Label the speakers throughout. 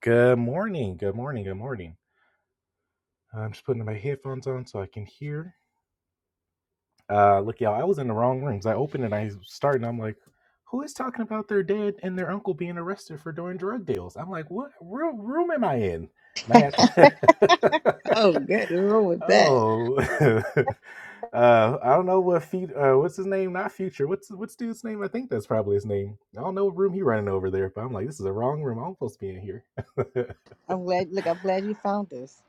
Speaker 1: Good morning. Good morning. Good morning. I'm just putting my headphones on so I can hear. Uh, look, y'all, I was in the wrong rooms. I opened and I started, and I'm like, who is talking about their dad and their uncle being arrested for doing drug deals? I'm like, what room, room am I in? And I had to.
Speaker 2: Oh, good. What's Wrong with that.
Speaker 1: oh, uh, I don't know what feed. Uh, what's his name? Not future. What's what's dude's name? I think that's probably his name. I don't know what room he running over there, but I'm like, this is the wrong room. I'm supposed to be in here.
Speaker 2: I'm glad. Look, I'm glad you found this.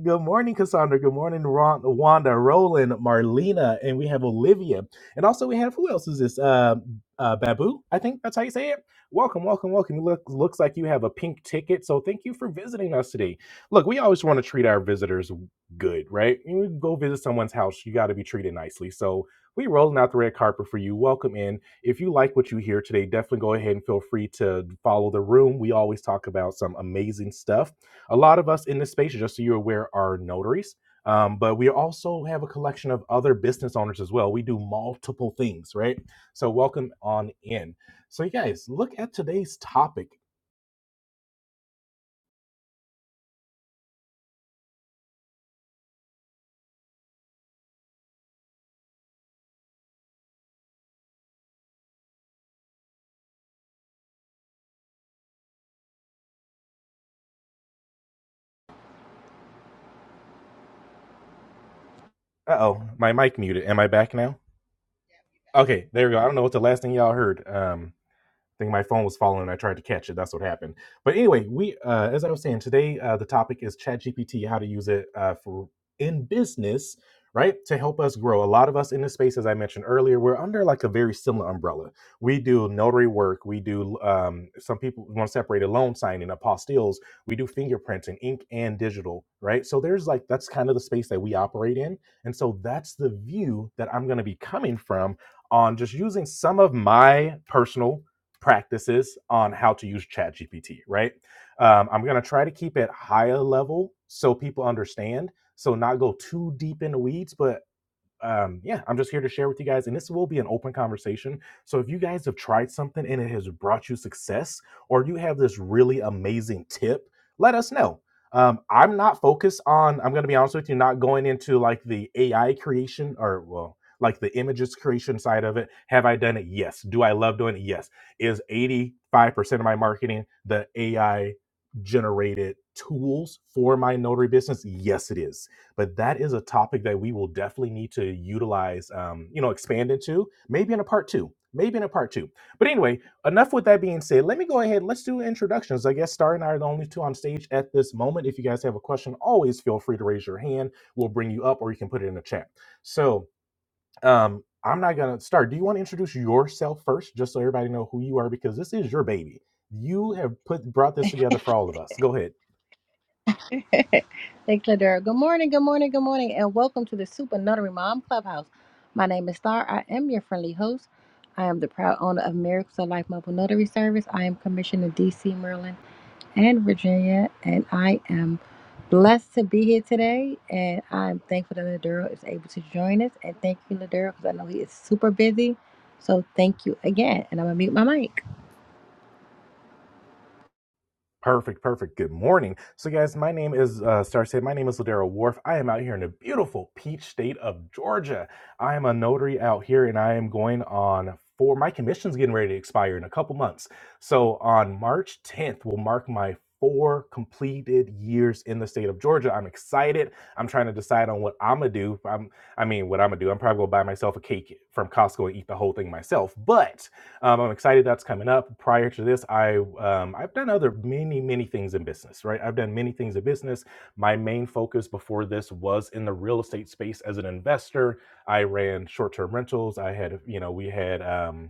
Speaker 1: Good morning, Cassandra. Good morning, Ron, Wanda, Roland, Marlena, and we have Olivia. And also we have who else is this? Uh, uh, Babu, I think that's how you say it. Welcome, welcome, welcome. Look, looks like you have a pink ticket, so thank you for visiting us today. Look, we always want to treat our visitors good, right? You go visit someone's house, you got to be treated nicely. So we rolling out the red carpet for you. Welcome in. If you like what you hear today, definitely go ahead and feel free to follow the room. We always talk about some amazing stuff a lot of us in this space, just so you're aware, are notaries. Um, but we also have a collection of other business owners as well. We do multiple things, right? So welcome on in. So you guys, look at today's topic. Uh oh, my mic muted. Am I back now? Okay, there we go. I don't know what the last thing y'all heard. Um, I think my phone was falling and I tried to catch it. That's what happened. But anyway, we uh, as I was saying today, uh, the topic is ChatGPT, how to use it uh, for in business, right, to help us grow. A lot of us in this space, as I mentioned earlier, we're under like a very similar umbrella. We do notary work. We do um, some people want to separate a loan signing, apostilles. We do fingerprinting, ink and digital, right? So there's like that's kind of the space that we operate in, and so that's the view that I'm going to be coming from on just using some of my personal practices on how to use ChatGPT, right? Um, I'm going to try to keep it higher level so people understand. So, not go too deep in the weeds, but um, yeah, I'm just here to share with you guys, and this will be an open conversation. So if you guys have tried something and it has brought you success, or you have this really amazing tip, let us know. Um, I'm not focused on. I'm going to be honest with you, not going into like the AI creation or well, like the images creation side of it. Have I done it? Yes. Do I love doing it? Yes. Is 85 percent of my marketing the AI generated tools for my notary business? Yes, it is but that is a topic that we will definitely need to utilize, um, you know, expand into, maybe in a part two, maybe in a part two. But anyway, enough with that being said, let me go ahead. Let's do introductions. I guess Star and I are the only two on stage at this moment. If you guys have a question, always feel free to raise your hand. We'll bring you up or you can put it in the chat. So, um, I'm not gonna start. Do you want to introduce yourself first, just so everybody know who you are, because this is your baby. You have put brought this together for all of us. Go ahead.
Speaker 2: Thank you, Ladera. Good morning, good morning, good morning, and welcome to the Super Notary Mom Clubhouse. My name is Star. I am your friendly host. I am the proud owner of Miracles of Life Mobile Notary Service. I am commissioned in DC, Maryland, and Virginia, and I am blessed to be here today. And I'm thankful that Ladera is able to join us. And thank you, Ladera, because I know he is super busy. So thank you again. And I'm gonna mute my mic.
Speaker 1: Perfect, perfect. Good morning. So, guys, my name is uh, Star State. My name is Ladera Wharf. I am out here in the beautiful peach state of Georgia. I am a notary out here, and I am going on for my commission's getting ready to expire in a couple months. So, on March 10th, will mark my four completed years in the state of Georgia. I'm excited. I'm trying to decide on what I'm gonna do. I'm, I mean, what I'm gonna do. I'm probably gonna buy myself a cake from Costco and eat the whole thing myself, but. Um, I'm excited that's coming up. Prior to this, I um, I've done other many many things in business. Right, I've done many things in business. My main focus before this was in the real estate space as an investor. I ran short term rentals. I had you know we had. Um,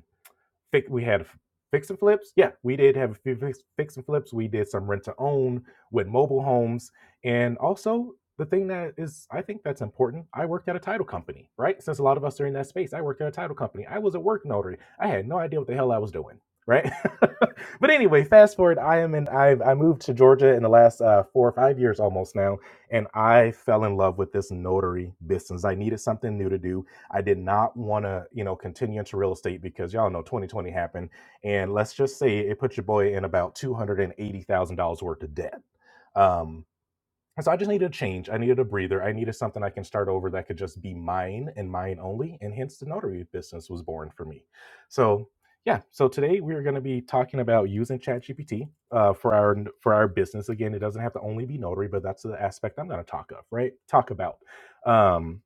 Speaker 1: Fi- we had fix and flips. Yeah, we did have a few fix, fix and flips. We did some rent to own with mobile homes, and also the thing that is, I think that's important. I worked at a title company, right? Since a lot of us are in that space, I worked at a title company. I was a work notary. I had no idea what the hell I was doing, right? but anyway, fast forward. I am in. I've I moved to Georgia in the last uh, four or five years almost now, and I fell in love with this notary business. I needed something new to do I did not want to, you know, continue into real estate because y'all know 2020 happened. And let's just say it put your boy in about $280,000 worth of debt. Um, and so I just needed a change. I needed a breather. I needed something I can start over that could just be mine and mine only. And hence the notary business was born for me. So yeah, so today we are going to be talking about using ChatGPT uh, for our for our business. Again, it doesn't have to only be notary, but that's the aspect I'm going to talk of, right? Talk about. Um,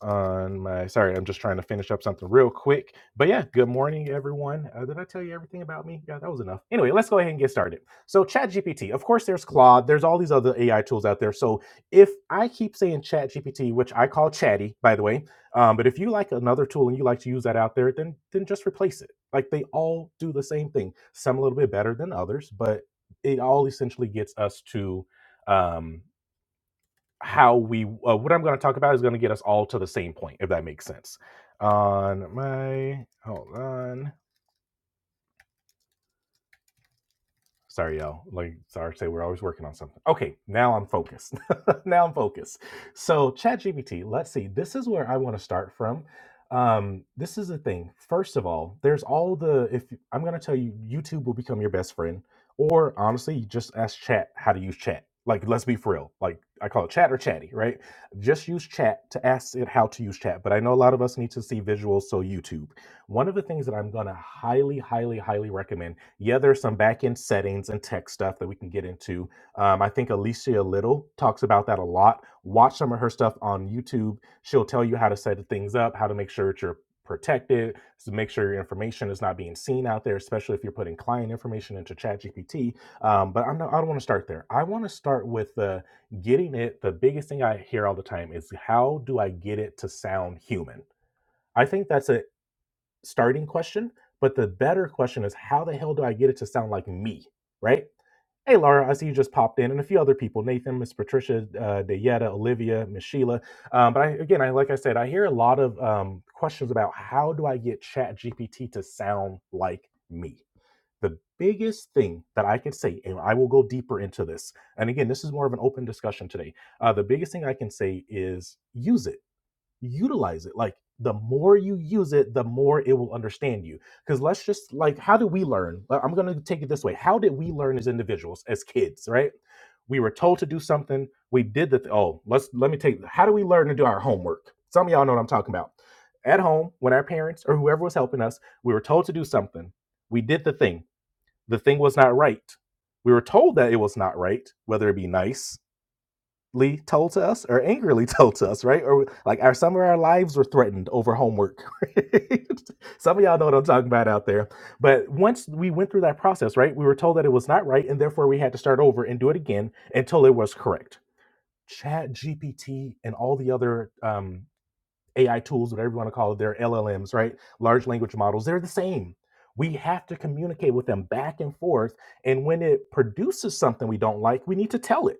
Speaker 1: on my sorry i'm just trying to finish up something real quick but yeah good morning everyone uh, did i tell you everything about me yeah that was enough anyway let's go ahead and get started so ChatGPT, of course there's claude there's all these other ai tools out there so if i keep saying ChatGPT, which i call chatty by the way um, but if you like another tool and you like to use that out there then then just replace it like they all do the same thing some a little bit better than others but it all essentially gets us to um, how we uh, what I'm going to talk about is going to get us all to the same point, if that makes sense. On my hold on. Sorry, y'all. Like, sorry, to say we're always working on something. Okay, now I'm focused. now I'm focused. So, ChatGPT, let's see. This is where I want to start from. Um, this is the thing. First of all, there's all the, if I'm going to tell you, YouTube will become your best friend. Or honestly, you just ask chat how to use chat. Like, let's be for real. Like, I call it chat or chatty, right? Just use chat to ask it how to use chat. But I know a lot of us need to see visuals, so YouTube. One of the things that I'm going to highly, highly, highly recommend, yeah, there's some back end settings and tech stuff that we can get into. Um, I think Alicia Little talks about that a lot. Watch some of her stuff on YouTube. She'll tell you how to set things up, how to make sure that you're protected, to make sure your information is not being seen out there, especially if you're putting client information into ChatGPT. Um, but I'm not, I don't want to start there. I want to start with the getting it. The biggest thing I hear all the time is how do I get it to sound human? I think that's an starting question, but the better question is how the hell do I get it to sound like me, right? Hey, Laura, I see you just popped in, and a few other people Nathan, Miss Patricia, uh, Dayetta, Olivia, Miss Sheila. Um, but I, again, I, like I said, I hear a lot of um, questions about how do I get Chat GPT to sound like me? The biggest thing that I could say, and I will go deeper into this, and again, this is more of an open discussion today. Uh, the biggest thing I can say is use it utilize it. Like the more you use it, the more it will understand you. Because let's just like, how do we learn? Uh, I'm going to take it this way. How did we learn as individuals, as kids, right? We were told to do something. We did the, th- oh, let's, let me take, how do we learn to do our homework? Some of y'all know what I'm talking about. At home, when our parents or whoever was helping us, we were told to do something. We did the thing. The thing was not right. We were told that it was not right, whether it be nice, told to us or angrily told to us, right? Or like our some of our lives were threatened over homework. right? some of y'all know what I'm talking about out there. But once we went through that process, right, we were told that it was not right and therefore we had to start over and do it again until it was correct. Chat GPT and all the other um, AI tools, whatever you want to call it, they're LLMs, right? Large language models, they're the same. We have to communicate with them back and forth. And when it produces something we don't like, we need to tell it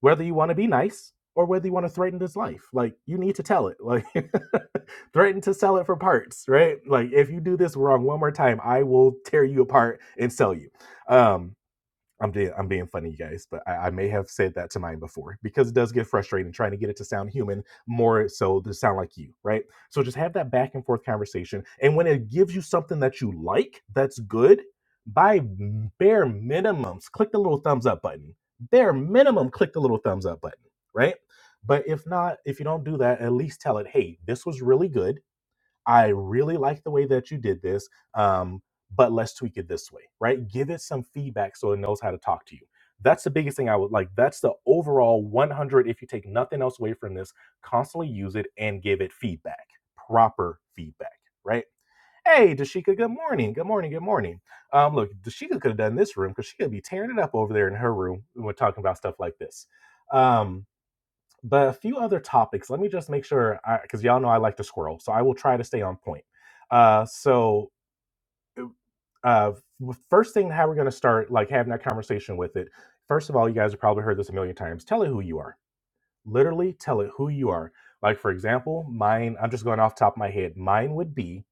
Speaker 1: whether you want to be nice or whether you want to threaten his life. Like you need to tell it. Like threaten to sell it for parts, right? Like if you do this wrong one more time, I will tear you apart and sell you. Um I'm being I'm being funny, you guys, but I, I may have said that to mine before because it does get frustrating trying to get it to sound human more so to sound like you, right? So just have that back and forth conversation, and when it gives you something that you like, that's good. By bare minimums, click the little thumbs up button. Bare minimum, click the little thumbs up button, right? But if not, if you don't do that, at least tell it, hey, this was really good I really like the way that you did this, um, but let's tweak it this way, right? Give it some feedback so it knows how to talk to you. That's the biggest thing I would like. That's the overall 100. If you take nothing else away from this, constantly use it and give it feedback, proper feedback, right? Hey, Dashika, good morning. Good morning. Good morning. Um, look, Dashika could have done this room because she could be tearing it up over there in her room when we're talking about stuff like this. Um, but a few other topics. Let me just make sure, because y'all know I like to squirrel, so I will try to stay on point. Uh, so, uh, first thing, how we're going to start, like having that conversation with it. First of all, you guys have probably heard this a million times. Tell it who you are. Literally, tell it who you are. Like for example, mine. I'm just going off the top of my head. Mine would be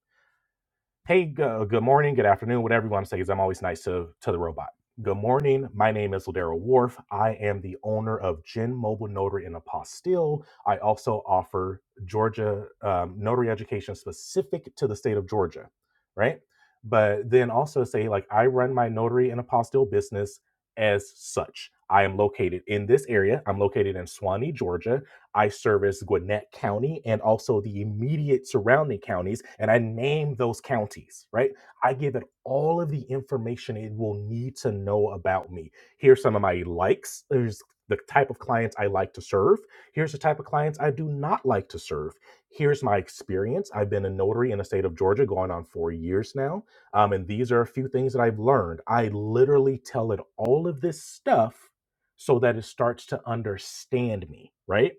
Speaker 1: hey go, good morning good afternoon whatever you want to say because i'm always nice to, to the robot good morning my name is ladero wharf i am the owner of gen mobile notary and apostille i also offer georgia um, notary education specific to the state of georgia right but then also say like i run my notary and apostille business as such i am located in this area i'm located in swanee georgia I service Gwinnett County and also the immediate surrounding counties, and I name those counties, right? I give it all of the information it will need to know about me. Here's some of my likes. There's the type of clients I like to serve. Here's the type of clients I do not like to serve. Here's my experience. I've been a notary in the state of Georgia going on four years now. Um, and these are a few things that I've learned. I literally tell it all of this stuff so that it starts to understand me, right?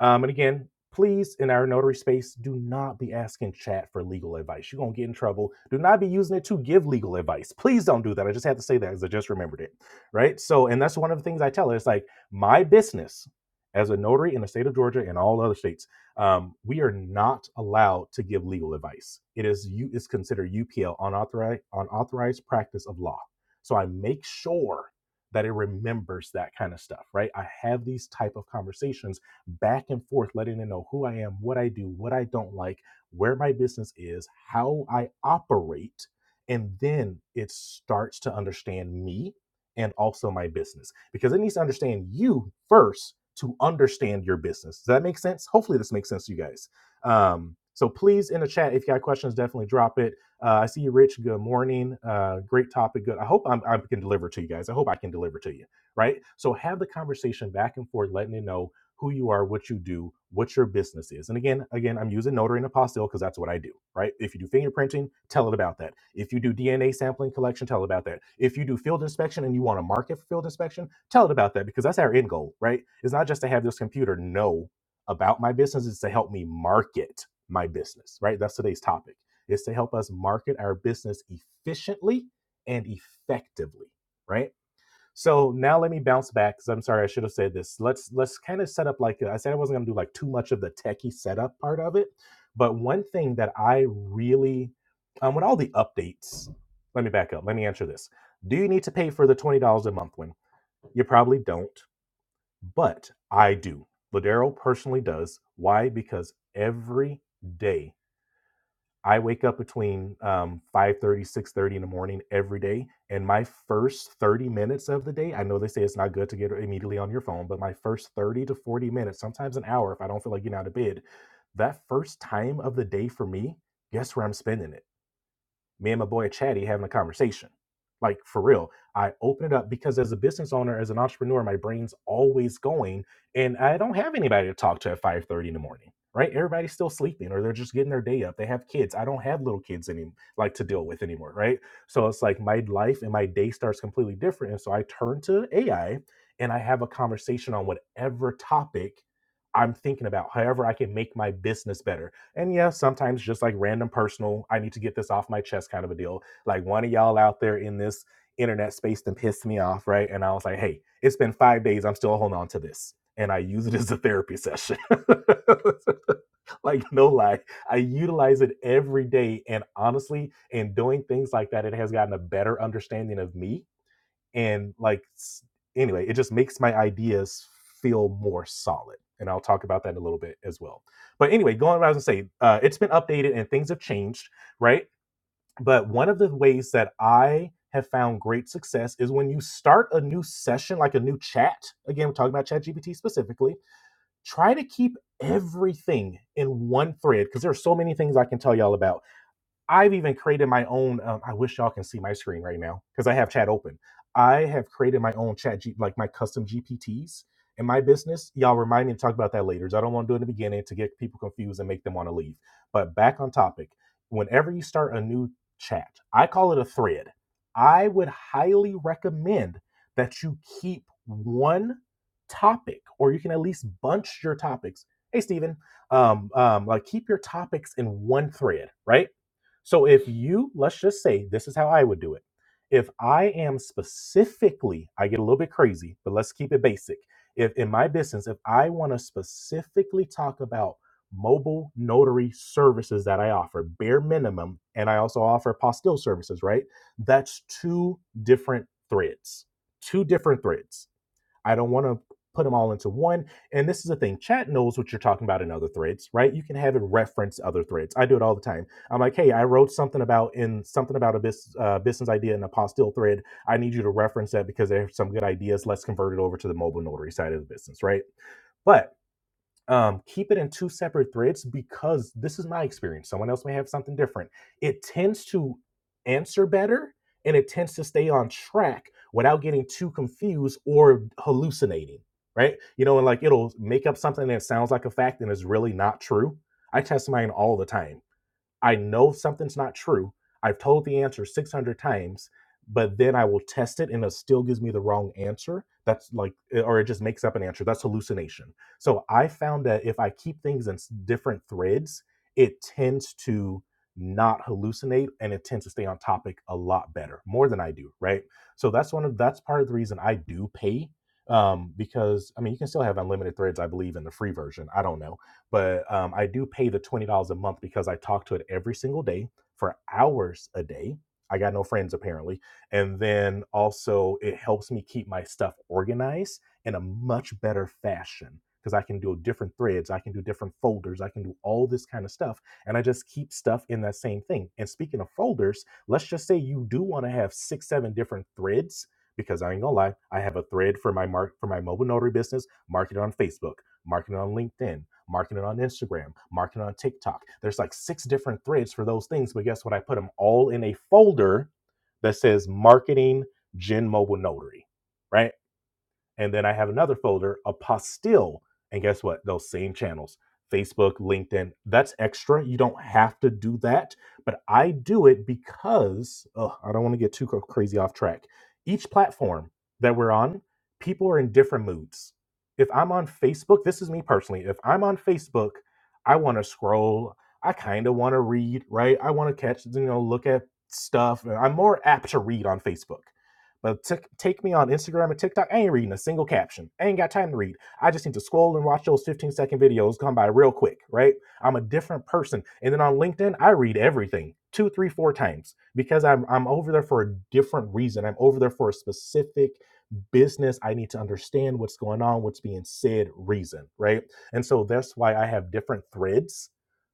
Speaker 1: Um, and again, please, in our notary space, do not be asking chat for legal advice. You're going to get in trouble. Do not be using it to give legal advice. Please don't do that. I just had to say that because I just remembered it. Right. So, and that's one of the things I tell her. It's like my business as a notary in the state of Georgia and all other states, um, we are not allowed to give legal advice. It is you is considered UPL unauthorized unauthorized practice of law. So I make sure that it remembers that kind of stuff, right? I have these type of conversations back and forth, letting them know who I am, what I do, what I don't like, where my business is, how I operate. And then it starts to understand me and also my business because it needs to understand you first to understand your business. Does that make sense? Hopefully, this makes sense to you guys. Um, so please, in the chat, if you got questions, definitely drop it. Uh, I see you, Rich. Good morning. Uh, great topic. Good. I hope I'm, I can deliver to you guys. I hope I can deliver to you. Right. So have the conversation back and forth, letting you know who you are, what you do, what your business is. And again, again, I'm using notary and apostille because that's what I do, right? If you do fingerprinting, tell it about that. If you do DNA sampling collection, tell it about that. If you do field inspection and you want to market for field inspection, tell it about that because that's our end goal, right? It's not just to have this computer know about my business, it's to help me market my business, right? That's today's topic. It's to help us market our business efficiently and effectively, right? So now let me bounce back because I'm sorry I should have said this. Let's let's kind of set up like I said I wasn't gonna do like too much of the techie setup part of it, but one thing that I really um, with all the updates, let me back up. Let me answer this. Do you need to pay for the twenty dollars a month one? You probably don't, but I do. Ladero personally does. Why? Because every day I wake up between um, 5.30, 6.30 in the morning every day. And my first 30 minutes of the day, I know they say it's not good to get immediately on your phone, but my first 30 to 40 minutes, sometimes an hour if I don't feel like getting out of bed, that first time of the day for me, guess where I'm spending it? me and my boy Chatty having a conversation. Like for real, I open it up because as a business owner, as an entrepreneur, my brain's always going, and I don't have anybody to talk to at five thirty in the morning. Right? Everybody's still sleeping, or they're just getting their day up. They have kids. I don't have little kids any like to deal with anymore. Right? So it's like my life and my day starts completely different, and so I turn to AI and I have a conversation on whatever topic I'm thinking about. However, I can make my business better and yeah, sometimes just like random personal, I need to get this off my chest kind of a deal. Like one of y'all out there in this internet space and pissed me off, right? And I was like, hey, it's been five days. I'm still holding on to this. And I use it as a therapy session. like, no lie. I utilize it every day. And honestly, in doing things like that, it has gotten a better understanding of me and like anyway it just makes my ideas feel more solid and i'll talk about that in a little bit as well but anyway going around and say uh, it's been updated and things have changed right but one of the ways that i have found great success is when you start a new session like a new chat again we're talking about ChatGPT specifically try to keep everything in one thread because there are so many things i can tell y'all about I've even created my own. Um, I wish y'all can see my screen right now because I have chat open. I have created my own chat, G, like my custom GPTs in my business. Y'all remind me to talk about that later. 'cause I don't want to do it in the beginning to get people confused and make them want to leave. But back on topic, whenever you start a new chat, I call it a thread. I would highly recommend that you keep one topic, or you can at least bunch your topics. Hey, Steven, um, um, like keep your topics in one thread, right? So if you, let's just say, this is how I would do it. If I am specifically, I get a little bit crazy, but let's keep it basic. If in my business, if I want to specifically talk about mobile notary services that I offer, bare minimum, and I also offer apostille services, right? That's two different threads, two different threads I don't want to put them all into one. And this is the thing chat knows what you're talking about in other threads, right? You can have it reference other threads. I do it all the time. I'm like, hey, I wrote something about in something about a bus uh, business idea in a postil thread. I need you to reference that because there's some good ideas. Let's convert it over to the mobile notary side of the business, right? But um, keep it in two separate threads because this is my experience. Someone else may have something different. It tends to answer better and it tends to stay on track without getting too confused or hallucinating, right? You know, and like it'll make up something that sounds like a fact and is really not true. I test mine all the time I know something's not true. I've told the answer 600 times, but then I will test it and it still gives me the wrong answer. That's like, eh, or it just makes up an answer. That's hallucination. So I found that if I keep things in s- different threads, it tends to not hallucinate and it tends to stay on topic a lot better, more than I do. Right. So that's one of, that's part of the reason I do pay. Um, because I mean, you can still have unlimited threads, I believe, in the free version. I don't know but um, I do pay the twenty dollars a month because I talk to it every single day for hours a day. I got no friends apparently, and then also it helps me keep my stuff organized in a much better fashion because I can do different threads, I can do different folders, I can do all this kind of stuff, and I just keep stuff in that same thing. And speaking of folders, let's just say you do want to have six, seven different threads because I ain't gonna lie, I have a thread for my mark for my mobile notary business, market it on Facebook marketing on LinkedIn, marketing on Instagram, marketing on TikTok. There's like six different threads for those things, but guess what? I put them all in a folder that says marketing Gen Mobile Notary, right? And then I have another folder, a Apostille. And guess what? Those same channels Facebook, LinkedIn. That's extra. You don't have to do that. But I do it because ugh, I don't want to get too crazy off track. Each platform that we're on, people are in different moods. If I'm on Facebook, this is me personally. If I'm on Facebook, I want to scroll. I kind of want to read, right? I want to catch, you know, look at stuff. I'm more apt to read on Facebook but t- take me on Instagram and TikTok. I ain't reading a single caption. I ain't got time to read. I just need to scroll and watch those 15 second videos come by real quick, right? I'm a different person. And then on LinkedIn, I read everything two, three, four times because I'm I'm over there for a different reason. I'm over there for a specific business. I need to understand what's going on, what's being said, reason, right? And so that's why I have different threads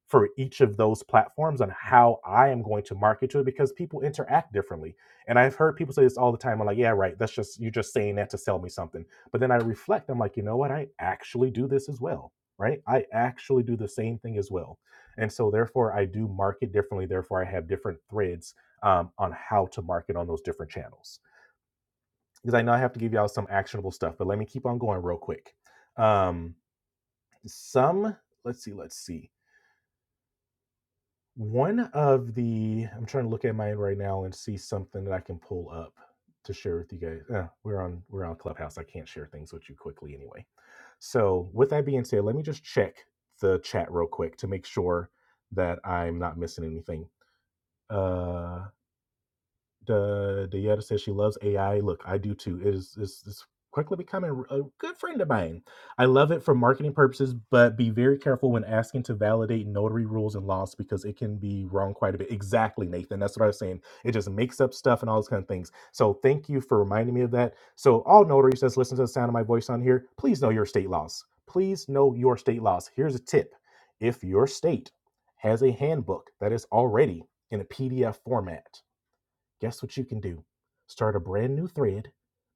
Speaker 1: for each of those platforms on how I am going to market to it because people interact differently and I've heard people say this all the time. I'm like, yeah, right. That's just you're just saying that to sell me something. But then I reflect. I'm like, you know what? I actually do this as well, right? I actually do the same thing as well. And so therefore, I do market differently. Therefore, I have different threads um, on how to market on those different channels. Because I know I have to give y'all some actionable stuff, but let me keep on going real quick. Um, some let's see, let's see. One of the I'm trying to look at mine right now and see something that I can pull up to share with you guys. Uh, we're on we're on Clubhouse. I can't share things with you quickly anyway. So with that being said, let me just check the chat real quick to make sure that I'm not missing anything. Uh, the Dieta says she loves AI. Look, I do too. It is it's, it's quickly becoming a good friend of mine. I love it for marketing purposes, but be very careful when asking to validate notary rules and laws because it can be wrong quite a bit. Exactly, Nathan. That's what I was saying. It just makes up stuff and all those kind of things. So thank you for reminding me of that. So all notaries that's listening to the sound of my voice on here, please know your state laws. Please know your state laws. Here's a tip. If your state has a handbook that is already in a PDF format, guess what you can do? Start a brand new thread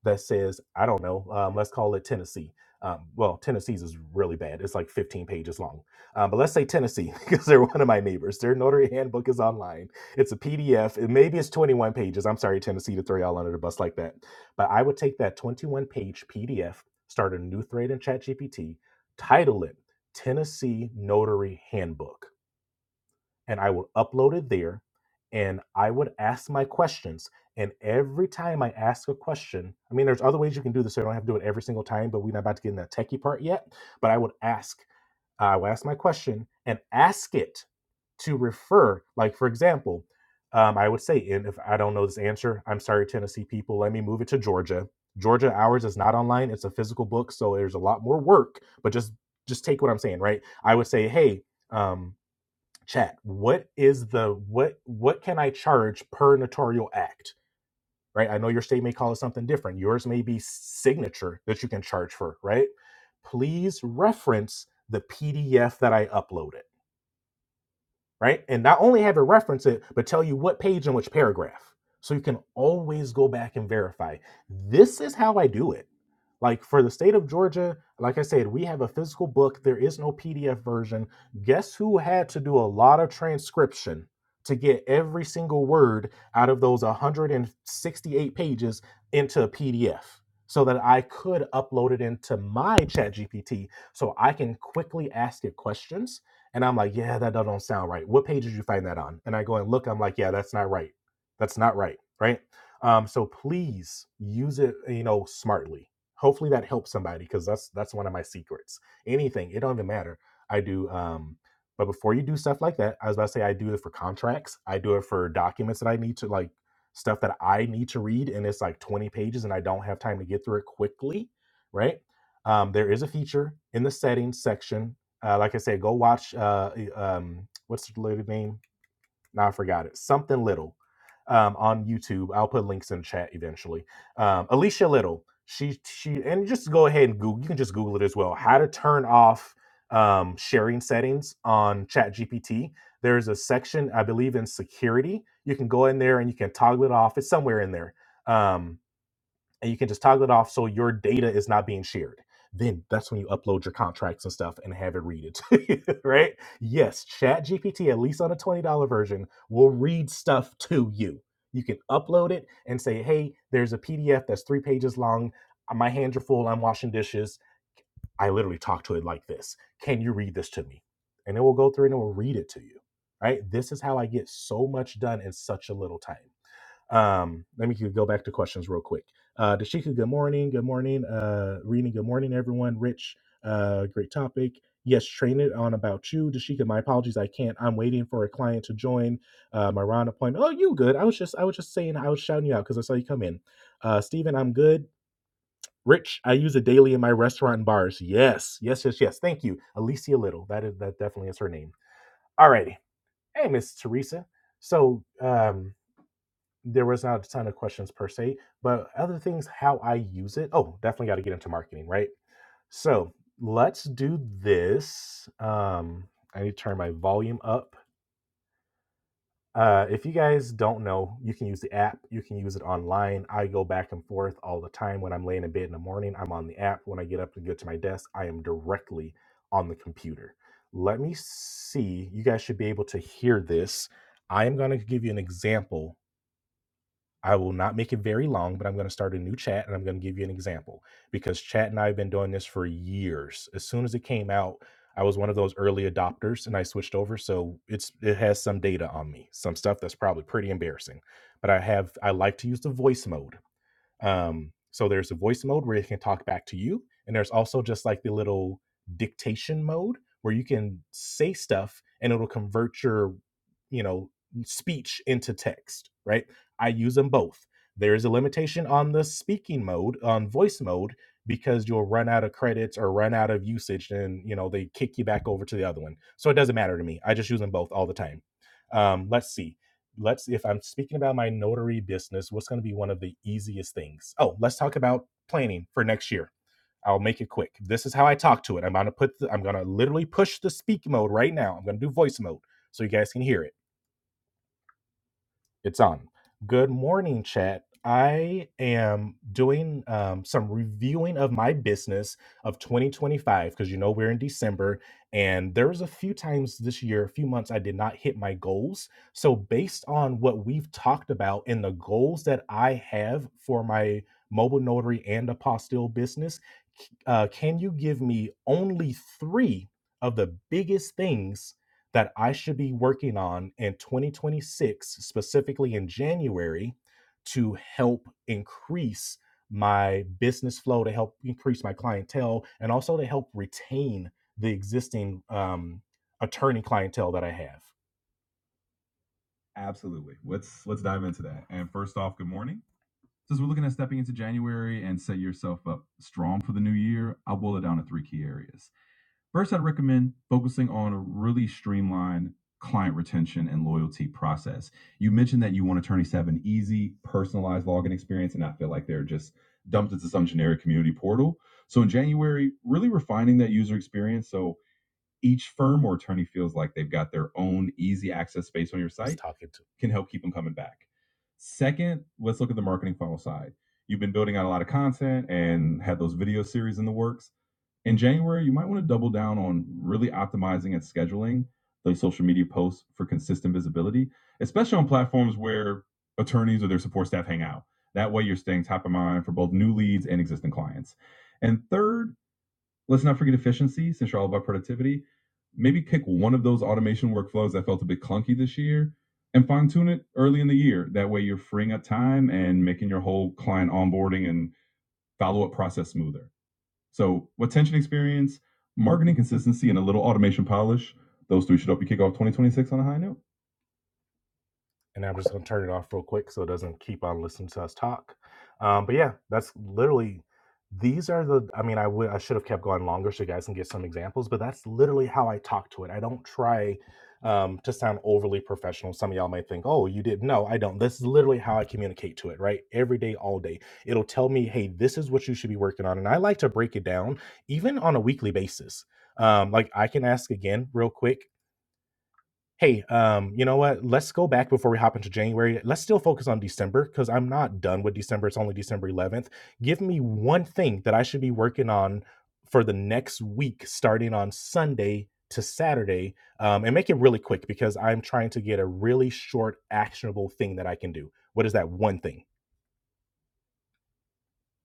Speaker 1: that says, I don't know, um, let's call it Tennessee. Um, well, Tennessee's is really bad. It's like 15 pages long. Um, but let's say Tennessee, because they're one of my neighbors. Their notary handbook is online. It's a PDF. maybe it's 21 pages. I'm sorry, Tennessee, to throw y'all under the bus like that. But I would take that 21 page PDF, start a new thread in ChatGPT, title it Tennessee Notary Handbook and I would upload it there. And I would ask my questions. And every time I ask a question, I mean, there's other ways you can do this. So I don't have to do it every single time, but we're not about to get in that techie part yet. But I would ask, I would ask my question and ask it to refer. Like, for example, um, I would say, and if I don't know this answer, I'm sorry, Tennessee people, let me move it to Georgia. Georgia Hours is not online. It's a physical book. So there's a lot more work, but just, just take what I'm saying, right? I would say, hey, um, chat what is the what what can i charge per notarial act right i know your state may call it something different yours may be signature that you can charge for right please reference the pdf that i uploaded right? And not only have it reference it, but tell you what page and which paragraph. So you can always go back and verify. This is how I do it. Like for the state of Georgia, like I said, we have a physical book. There is no PDF version. Guess who had to do a lot of transcription to get every single word out of those 168 pages into a PDF so that I could upload it into my ChatGPT so I can quickly ask it questions and I'm like, yeah, that does not sound right. What page did you find that on? And I go and look. I'm like, yeah, that's not right. That's not right. Right. Um, so please use it, you know, smartly. Hopefully that helps somebody because that's that's one of my secrets. Anything, it don't even matter. I do. Um, but before you do stuff like that, I was about to say I do it for contracts. I do it for documents that I need to like stuff that I need to read, and it's like 20 pages, and I don't have time to get through it quickly. Right. Um, there is a feature in the settings section uh, like I said, go watch uh, um, what's the little name? Now I forgot it. Something Little um, on YouTube. I'll put links in the chat eventually. Um, Alicia Little. She she and just go ahead and Google. You can just Google it as well. How to turn off um, sharing settings on ChatGPT. There's a section I believe in security. You can go in there and you can toggle it off. It's somewhere in there. Um and you can just toggle it off so your data is not being shared. Then that's when you upload your contracts and stuff and have it read it, to you, right? Yes, ChatGPT, at least on a $20 version, will read stuff to you. You can upload it and say, hey, there's a PDF that's three pages long. Uh, My hands are full. I'm washing dishes. I literally talk to it like this. Can you read this to me? And it will go through and it will read it to you, right? This is how I get so much done in such a little time. Um, let me go back to questions real quick. Uh, Dashika, good morning. Good morning. Uh, Rena, good morning, everyone. Rich, uh, great topic. Yes, train it on about you. Dashika, my apologies. I can't. I'm waiting for a client to join uh, my round appointment. Oh, you good. I was just, I was just saying, I was shouting you out because I saw you come in. Uh, Steven, I'm good. Rich, I use it daily in my restaurant and bars. Yes, yes, yes, yes. Thank you. Alicia Little. That is, that definitely is her name. All righty. Hey, Miss Teresa. So, um, there was not a ton of questions per se, but other things, how I use it. Oh, definitely got to get into marketing, right? So let's do this. Um, I need to turn my volume up. Uh, if you guys don't know, you can use the app. You can use it online. I go back and forth all the time. When I'm laying in bed in the morning, I'm on the app. When I get up and get to my desk, I am directly on the computer. Let me see. You guys should be able to hear this. I am going to give you an example I will not make it very long, but I'm going to start a new chat and I'm going to give you an example because chat and I have been doing this for years. As soon as it came out, I was one of those early adopters and I switched over, so it's it has some data on me, some stuff that's probably pretty embarrassing. But I have I like to use the voice mode um, so there's a voice mode where it can talk back to you, and there's also just like the little dictation mode where you can say stuff and it'll convert your, you know, speech into text, right? I use them both. There is a limitation on the speaking mode, on voice mode, because you'll run out of credits or run out of usage and you know they kick you back over to the other one. So it doesn't matter to me. I just use them both all the time. Um, let's see let's if i'm speaking about my notary business what's going to be one of the easiest things oh let's talk about planning for next year i'll make it quick this is how i talk to it i'm going to put the, i'm going to literally push the speak mode right now i'm going to do voice mode so you guys can hear it it's on. Good morning, chat. I am doing um, some reviewing of my business of 2025 because you know we're in December, and there was a few times this year, a few months I did not hit my goals. So based on what we've talked about and the goals that I have for my mobile notary and apostille business, c- uh, can you give me only three of the biggest things? that I should be working on in 2026, specifically in January, to help increase my business flow, to help increase my clientele, and also to help retain the existing um, attorney clientele that I have? Absolutely. Let's let's dive into that. And first off, good morning. Since we're looking at stepping into January and set yourself up strong for the new year, I'll boil it down to three key areas. First, I'd recommend focusing on a really streamlined client retention and loyalty process. You mentioned that you want attorneys to have an easy, personalized login experience and not feel like they're just dumped into some generic community portal. So, in January, really refining that user experience so each firm or attorney feels like they've got their own easy access space on your site can help keep them coming back. Second, let's look at the marketing funnel side. You've been building out a lot of content and had those video series in the works in January, you might want to double down on really optimizing and scheduling those social media posts for consistent visibility, especially on platforms where attorneys or their support staff hang out. That way, you're staying top of mind for both new leads and existing clients. And third, let's not forget efficiency, since you're all about productivity. Maybe pick one of those automation workflows that felt a bit clunky this year and fine tune it early in the year. That way, you're freeing up time and making your whole client onboarding and follow up process smoother. So retention experience, marketing consistency, and a little automation polish. Those three should help you kick off 2026 on a high note and I'm just going to turn it off real quick so it doesn't keep on listening to us talk. Um, but yeah, that's literally these are the. I mean, I would I should have kept going longer so you guys can get some examples, but that's literally how I talk to it. I don't try um, to sound overly professional. Some of y'all might think, "Oh, you did." No, I don't. This is literally how I communicate to it. Right, every day, all day. It'll tell me, "Hey, this is what you should be working on," and I like to break it down even on a weekly basis. Um, like I can ask again real quick hey, um, you know what? Let's go back before we hop into January. Let's still focus on December because I'm not done with December. It's only December 11th. Give me one thing that I should be working on for the next week, starting on Sunday to Saturday, um, and make it really quick because I'm trying to get a really short, actionable thing that I can do. What is that one thing?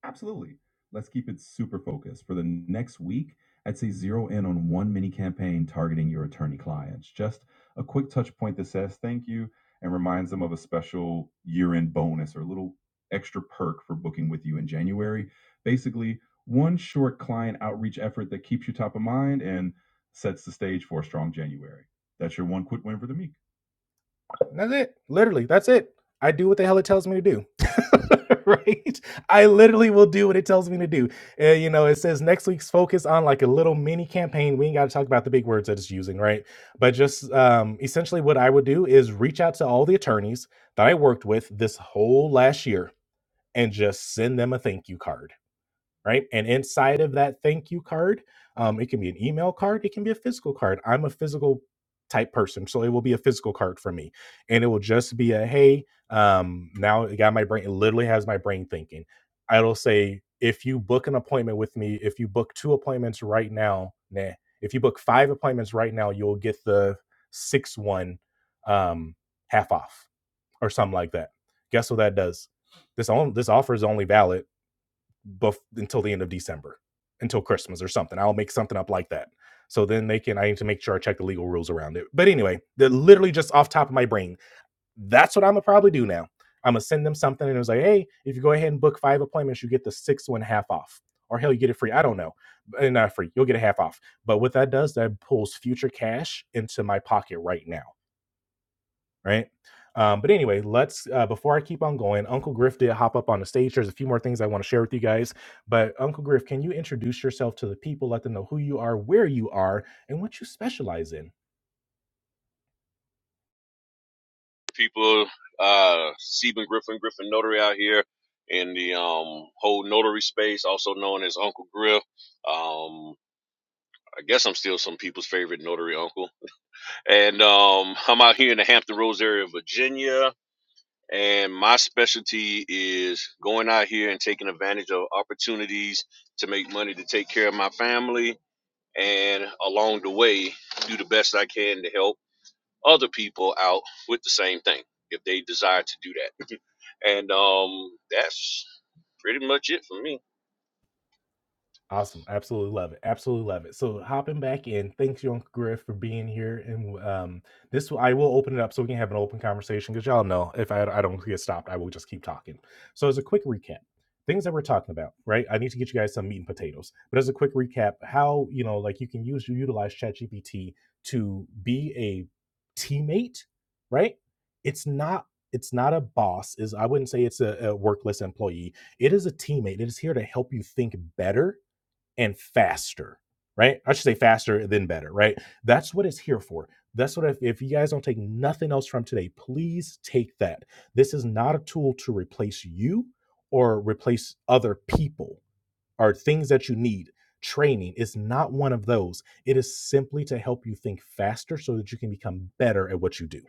Speaker 1: Absolutely. Let's keep it super focused. For the next week, I'd say zero in on one mini campaign targeting your attorney clients. Just a quick touch point that says thank you and reminds them of a special year end bonus or a little extra perk for booking with you in January. Basically, one short client outreach effort that keeps you top of mind and sets the stage for a strong January. That's your one quick win for the week. And That's it. Literally, that's it. I do what the hell it tells me to do. right? I literally will do what it tells me to do. Uh, you know, it says next week's focus on like a little mini campaign. We ain't got to talk about the big words that it's using, right? But just um, essentially, what I would do is reach out to all the attorneys that I worked with this whole last year and just send them a thank you card right? And inside of that thank you card, um, it can be an email card, it can be a physical card. I'm a physical type person, so it will be a physical card for me, and it will just be a hey. Um, now it got my brain. It literally has my brain thinking. It'll say if you book an appointment with me, if you book two appointments right now, nah. If you book five appointments right now, you'll get the sixth one um, half off or something like that. Guess what that does? This on, this offer is only valid bef- until the end of December, until Christmas or something. I'll make something up like that. So then they can. I need to make sure I check the legal rules around it. But anyway, they're literally just off top of my brain. That's what I'm gonna probably do now. I'm gonna send them something and it was like, hey, if you go ahead and book five appointments, you get the sixth one half off, or hell, you get it free. I don't know, Eh, not free. You'll get a half off. But what that does, that pulls future cash into my pocket right now right? Um, but anyway, let's uh, before I keep on going, Uncle Griff did hop up on the stage. There's a few more things I want to share with you guys, but Uncle Griff, can you introduce yourself to the people? Let them know who you are, where you are, and what you specialize in.
Speaker 3: people, uh, Stephen Griffin, Griffin Notary out here in the um, whole notary space, also known as Uncle Griff. Um, I guess I'm still some people's favorite notary uncle. And um, I'm out here in the Hampton Roads area of Virginia. And my specialty is going out here and taking advantage of opportunities to make money to take care of my family. And along the way, do the best I can to help other people out with the same thing if they desire to do that. And um, that's pretty much it for me.
Speaker 1: Awesome. Absolutely love it. Absolutely love it. So hopping back in, thanks you, Uncle Griff, for being here. And um, this I will open it up so we can have an open conversation because y'all know if I, I don't get stopped, I will just keep talking. So as a quick recap, things that we're talking about, right? I need to get you guys some meat and potatoes. But as a quick recap, how you know, like you can use you utilize ChatGPT to be a teammate, right? It's not it's not a boss is i wouldn't say it's a, a workless employee it is a teammate it is here to help you think better and faster, right? I should say faster than better, right? That's what it's here for. That's what, if, if you guys don't take nothing else from today, please take that. This is not a tool to replace you or replace other people or things that you need. Training is not one of those. It is simply to help you think faster so that you can become better at what you do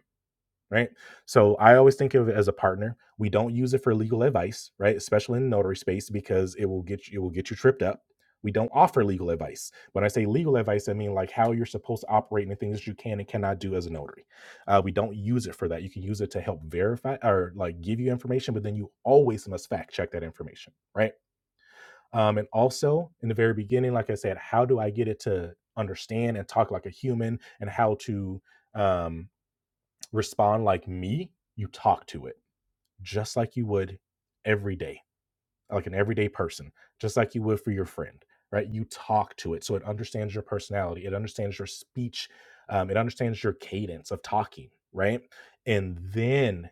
Speaker 1: right? So I always think of it as a partner. We don't use it for legal advice, right? Especially in the notary space because it will get you, it will get you tripped up. We don't offer legal advice. When I say legal advice, I mean like how you're supposed to operate and the things that you can and cannot do as a notary. Uh, we don't use it for that. You can use it to help verify or like give you information, but then you always must fact check that information, right? Um, and also in the very beginning, like I said, how do I get it to understand and talk like a human and how to um, respond like me, you talk to it just like you would every day like an everyday person, just like you would for your friend, right? You talk to it so it understands your personality, it understands your speech, um, it understands your cadence of talking, right? And then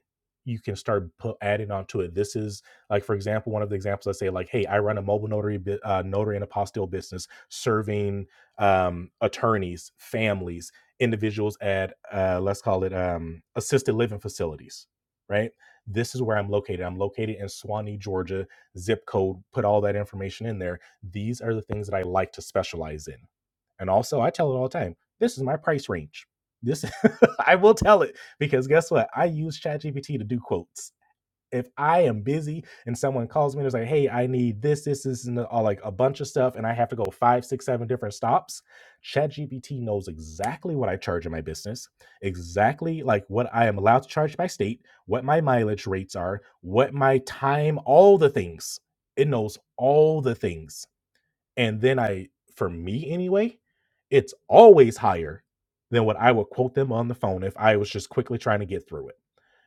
Speaker 1: you can start put, adding on to it. This is like, for example, one of the examples I say, like, hey, I run a mobile notary, uh, notary and apostille business serving um, attorneys, families, individuals at, uh, let's call it um, assisted living facilities, right? This is where I'm located. I'm located in Swanee, Georgia zip code, put all that information in there. These are the things that I like to specialize in. And also, I tell it all the time this is my price range. This I will tell it because guess what? I use ChatGPT to do quotes if I am busy and someone calls me and is like, hey, I need this, this, this, and all like a bunch of stuff, and I have to go five, six, seven different stops, ChatGPT knows exactly what I charge in my business, exactly like what I am allowed to charge by state, what my mileage rates are, what my time, all the things. It knows all the things. And then I, for me anyway, it's always higher than what I would quote them on the phone if I was just quickly trying to get through it.